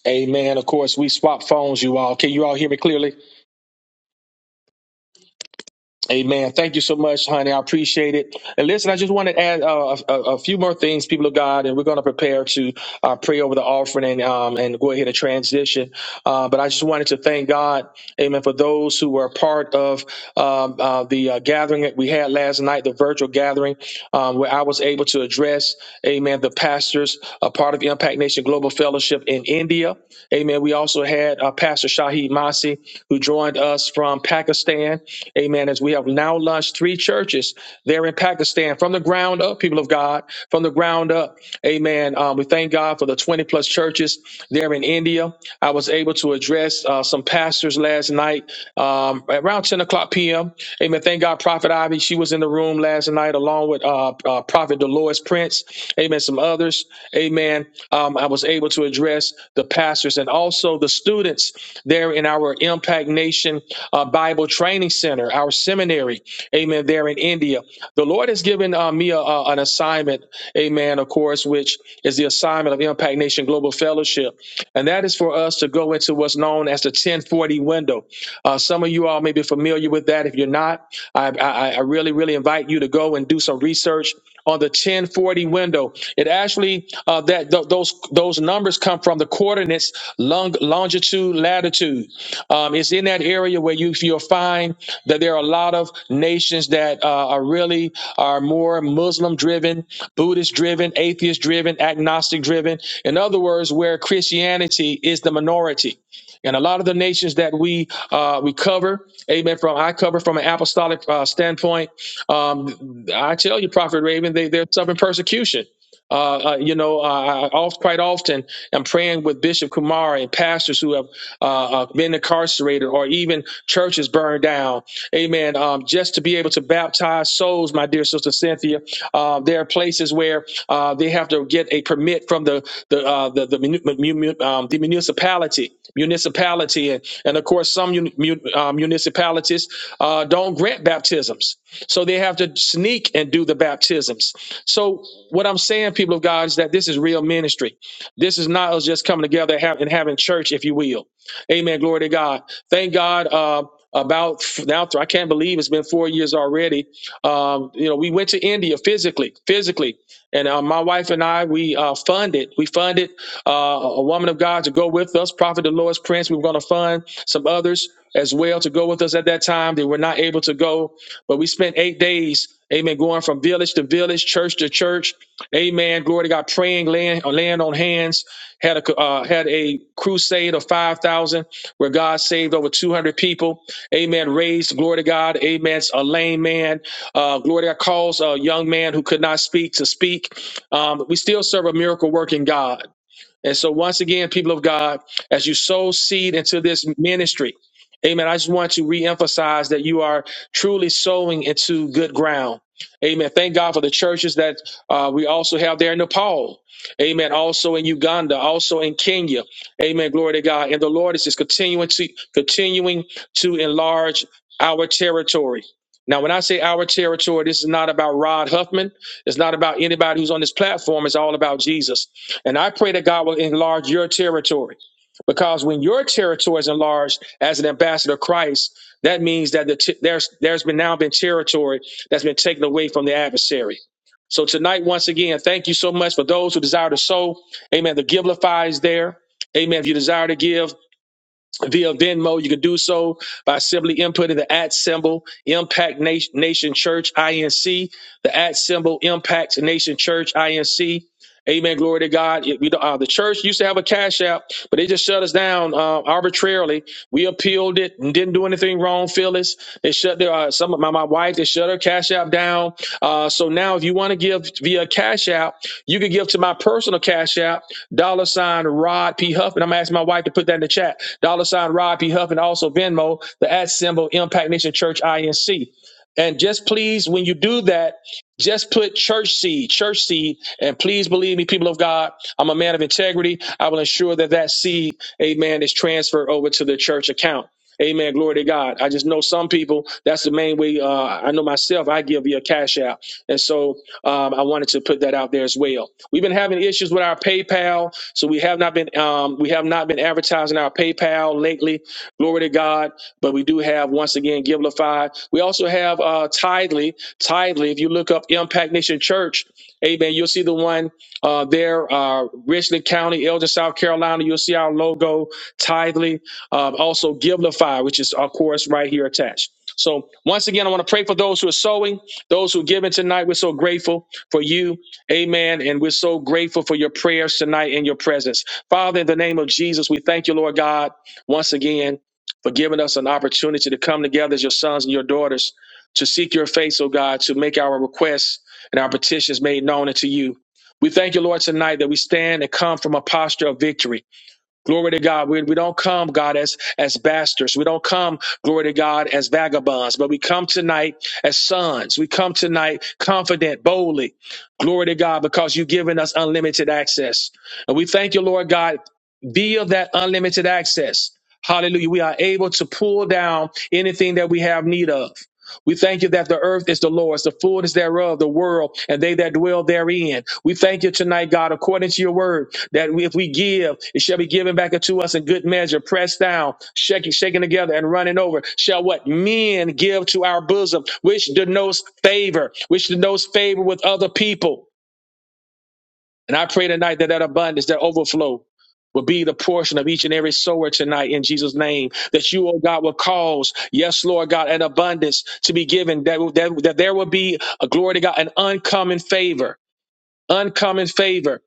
Amen. Of course, we swap phones, you all. Can you all hear me clearly? Amen. Thank you so much, honey. I appreciate it. And listen, I just want to add uh, a, a few more things, people of God, and we're going to prepare to uh, pray over the offering and, um, and go ahead and transition. Uh, but I just wanted to thank God Amen. For those who were part of um, uh, the uh, gathering that we had last night, the virtual gathering, um, where I was able to address, Amen, the pastors, a part of Impact Nation Global Fellowship in India. Amen. We also had uh, Pastor Shahid Masi, who joined us from Pakistan. Amen. As we have now launched three churches there in Pakistan from the ground up, people of God, from the ground up. Amen. Um, we thank God. God for the 20 plus churches there in India. I was able to address uh, some pastors last night um, around 10 o'clock p.m. Amen. Thank God, Prophet Ivy. She was in the room last night along with uh, uh, Prophet Dolores Prince. Amen. Some others. Amen. Um, I was able to address the pastors and also the students there in our Impact Nation uh, Bible Training Center, our seminary. Amen. There in India. The Lord has given uh, me a, a- an assignment, amen, of course, which is the assignment of Impact Nation Global Fellowship. And that is for us to go into what's known as the 1040 window. Uh, some of you all may be familiar with that. If you're not, I, I, I really, really invite you to go and do some research on the 1040 window. It actually, uh, that th- those, those numbers come from the coordinates long, longitude, latitude. Um, it's in that area where you, you'll find that there are a lot of nations that uh, are really are more Muslim driven, Buddhist driven, atheist driven, agnostic driven. In other words, where Christianity is the minority. And a lot of the nations that we uh, we cover, amen. From I cover from an apostolic uh, standpoint, um, I tell you, Prophet Raven, they, they're suffering persecution. Uh, uh, you know, uh, I oft, quite often am praying with Bishop Kumar and pastors who have uh, uh, been incarcerated or even churches burned down. Amen. Um, just to be able to baptize souls, my dear sister Cynthia, uh, there are places where uh, they have to get a permit from the the uh, the, the, munu- mu- mu- um, the municipality municipality and, and of course some mun, mun- uh, municipalities uh, don't grant baptisms so they have to sneak and do the baptisms. So what I'm saying, people of God, is that this is real ministry. This is not us just coming together and hav- and having church, if you will. Amen. Glory to God. Thank God. Uh, about f- now, I can't believe it's been four years already. Um, you know, we went to India physically, physically, and uh, my wife and I, we uh, funded, we funded uh, a woman of God to go with us, Prophet Dolores Prince. We were going to fund some others as well to go with us at that time. They were not able to go, but we spent eight days, amen, going from village to village, church to church, amen. Glory to God, praying, laying, uh, laying on hands. Had a uh, had a crusade of five thousand, where God saved over two hundred people, amen. Raised, glory to God, amen. A lame man, uh, glory to God, calls a young man who could not speak to speak. Um, we still serve a miracle working God. And so, once again, people of God, as you sow seed into this ministry, amen, I just want to reemphasize that you are truly sowing into good ground. Amen. Thank God for the churches that uh, we also have there in Nepal. Amen. Also in Uganda, also in Kenya. Amen. Glory to God. And the Lord is just continuing to continuing to enlarge our territory. Now, when I say our territory, this is not about Rod Huffman. It's not about anybody who's on this platform. It's all about Jesus. And I pray that God will enlarge your territory. Because when your territory is enlarged as an ambassador of Christ, that means that the t- there's there's been now been territory that's been taken away from the adversary. So tonight, once again, thank you so much for those who desire to sow. Amen. The Givelify is there. Amen. If you desire to give, via Venmo. You can do so by simply inputting the at symbol Impact Na- Nation Church INC, the at symbol Impact Nation Church INC. Amen. Glory to God. It- we don't- uh, the church used to have a cash app, but they just shut us down uh, arbitrarily. We appealed it and didn't do anything wrong, Phyllis. They shut their, uh, some of my, my wife, they shut her cash app down. Uh, so now if you want to give via cash app, you can give to my personal cash app dollar sign Rod P. Huff. And I'm asking my wife to put that in the chat. Dollar sign Rod P. Huff and also Venmo, the at symbol Impact Nation Church INC. And just please, when you do that, just put church seed, church seed. And please believe me, people of God, I'm a man of integrity. I will ensure that that seed, amen, is transferred over to the church account. Amen. Glory to God. I just know some people, that's the main way. Uh, I know myself, I give via Cash App. And so um, I wanted to put that out there as well. We've been having issues with our PayPal, so we have not been um, we have not been advertising our PayPal lately. Glory to God. But we do have once again Givelify. We also have uh, Tidely. Tidely. If you look up Impact Nation Church, Amen. You'll see the one uh, there, uh, Richland County, Elgin, South Carolina. You'll see our logo, Tidely. Um, also Givelify, which is of course right here attached. So once again, I want to pray for those who are sowing. Those who give in tonight, we're so grateful for you. Amen. And we're so grateful for your prayers tonight and your presence. Father, in the name of Jesus, we thank you, Lord God, once again for giving us an opportunity to come together as your sons and your daughters to seek your face, oh God, to make our requests and our petitions made known unto you. We thank you, Lord, tonight that we stand and come from a posture of victory. Glory to God. We, we don't come, God, as, as bastards. We don't come, glory to God, as vagabonds, but we come tonight as sons. We come tonight confident, boldly. Glory to God, because you've given us unlimited access. And we thank you, Lord God, via that unlimited access. Hallelujah. We are able to pull down anything that we have need of. We thank you that the earth is the Lord's, the fullness thereof, the world, and they that dwell therein. We thank you tonight, God, according to your word that we, if we give, it shall be given back unto us in good measure, pressed down, shaking, shaken together, and running over. Shall what men give to our bosom, which denotes favor, which denotes favor with other people. And I pray tonight that that abundance, that overflow, will be the portion of each and every sower tonight in Jesus' name. That you, oh God, will cause, yes, Lord God, an abundance to be given. That, that, that there will be a glory to God, an uncommon favor. Uncommon favor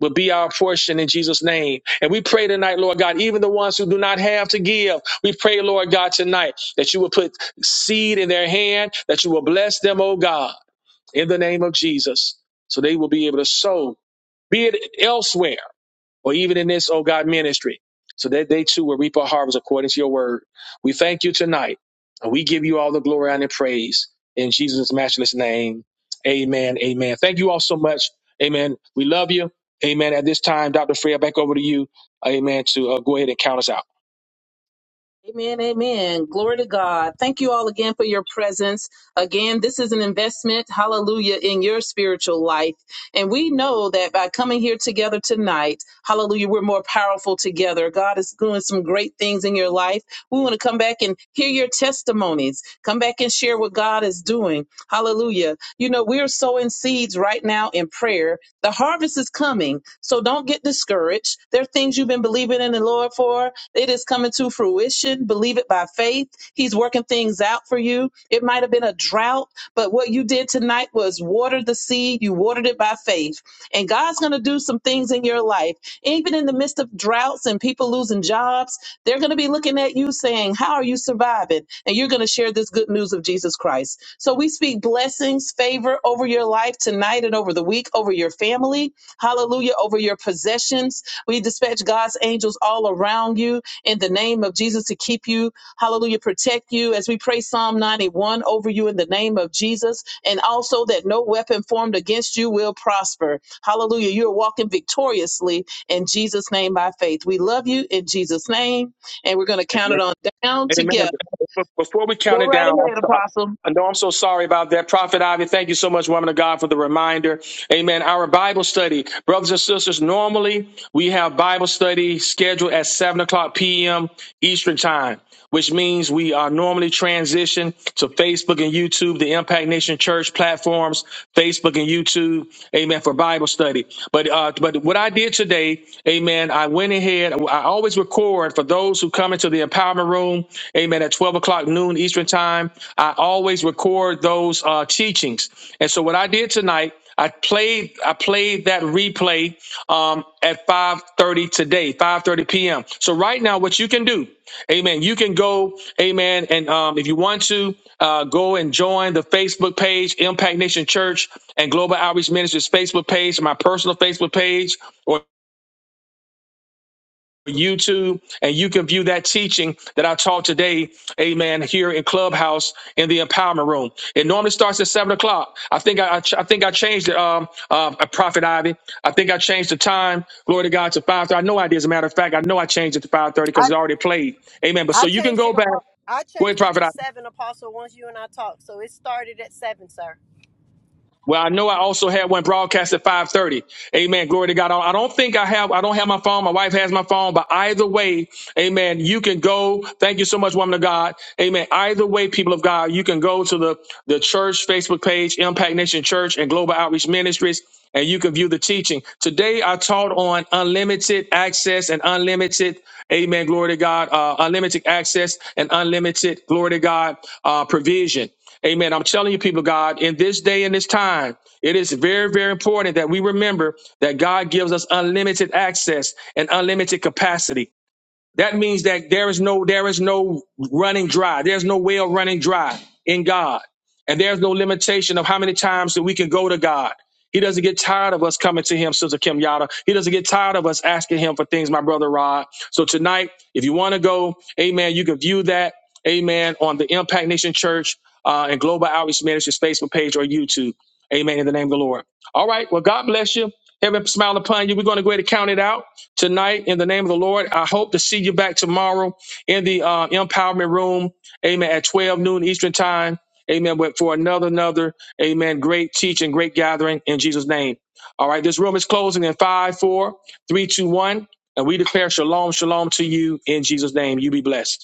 will be our portion in Jesus' name. And we pray tonight, Lord God, even the ones who do not have to give, we pray, Lord God, tonight that you will put seed in their hand, that you will bless them, oh God, in the name of Jesus, so they will be able to sow, be it elsewhere or even in this, oh God, ministry. So that they too will reap a harvest according to your word. We thank you tonight. And we give you all the glory and the praise in Jesus' matchless name. Amen. Amen. Thank you all so much. Amen. We love you. Amen. At this time, Dr. Freya, back over to you. Amen. To uh, go ahead and count us out.
Amen, amen. Glory to God. Thank you all again for your presence. Again, this is an investment, hallelujah, in your spiritual life. And we know that by coming here together tonight, hallelujah, we're more powerful together. God is doing some great things in your life. We want to come back and hear your testimonies. Come back and share what God is doing. Hallelujah. You know, we are sowing seeds right now in prayer. The harvest is coming. So don't get discouraged. There are things you've been believing in the Lord for. It is coming to fruition. Believe it by faith. He's working things out for you. It might have been a drought, but what you did tonight was water the seed. You watered it by faith. And God's going to do some things in your life, even in the midst of droughts and people losing jobs. They're going to be looking at you saying, How are you surviving? And you're going to share this good news of Jesus Christ. So we speak blessings, favor over your life tonight and over the week, over your family. Hallelujah. Over your possessions. We dispatch God's angels all around you in the name of Jesus to keep you. Hallelujah. Protect you as we pray Psalm 91 over you in the name of Jesus. And also that no weapon formed against you will prosper. Hallelujah. You're walking victoriously in Jesus' name by faith. We love you in Jesus' name and we're going to count
Amen.
it on down
Amen.
together.
But Before we count
Go
it
right
down, I'm
ahead,
so,
Apostle.
I know I'm so sorry about that. Prophet Ivy, thank you so much, woman of God, for the reminder. Amen. Our Bible study, brothers and sisters, normally we have Bible study scheduled at 7 o'clock p.m. Eastern Time which means we are normally transition to Facebook and YouTube, the Impact Nation Church platforms, Facebook and YouTube, amen, for Bible study. But uh, but what I did today, amen, I went ahead, I always record for those who come into the empowerment room, amen, at 12 o'clock noon Eastern time. I always record those uh, teachings. And so what I did tonight, I played I played that replay um, at 5:30 today, 5:30 p.m. So right now, what you can do, Amen. You can go, Amen, and um, if you want to, uh, go and join the Facebook page, Impact Nation Church and Global Outreach Ministries Facebook page, my personal Facebook page, YouTube, and you can view that teaching that I taught today, amen, here in Clubhouse in the empowerment room. It normally starts at seven o'clock. I think I, I, ch- I think I changed it, um, uh, uh, Prophet Ivy. I think I changed the time, glory to God, to five thirty. I know I did, as a matter of fact, I know I changed it to five thirty because
I,
it already played. Amen. But so
I
you can
changed
go
it.
back.
apo- I
Go ahead,
changed it
Prophet
to
Ivy.
seven, Apostle, once you and I talked. So it started at seven, sir.
Well, I know I also had one broadcast at 5:30. Amen. Glory to God. I don't think I have I don't have my phone. My wife has my phone, but either way, amen, you can go. Thank you so much, woman of God. Amen. Either way, people of God, you can go to the the church Facebook page, Impact Nation Church and Global Outreach Ministries. And you can view the teaching. Today, I taught on unlimited access and unlimited, amen, glory to God, uh, unlimited access and unlimited, glory to God, uh, provision. Amen. I'm telling you, people, of God, in this day and this time, it is very, very important that we remember that God gives us unlimited access and unlimited capacity. That means that there is no there is no running dry. There's no well running dry in God. And there's no limitation of how many times that we can go to God. He doesn't get tired of us coming to him, Sister Kim Yada. He doesn't get tired of us asking him for things, my brother Rod. So tonight, if you want to go, amen, you can view that, amen, on the Impact Nation Church uh, and Global Outreach Ministries Facebook page or YouTube. Amen, in the name of the Lord. All right, well, God bless you. Heaven smile upon you. We're going to go ahead and count it out tonight in the name of the Lord. I hope to see you back tomorrow in the uh, empowerment room. Amen. At 12 noon Eastern time. Amen. But for another, another, amen. Great teaching, great gathering in Jesus' name. All right. This room is closing in five, four, three, two, one. And we declare shalom, shalom to you in Jesus' name. You be blessed.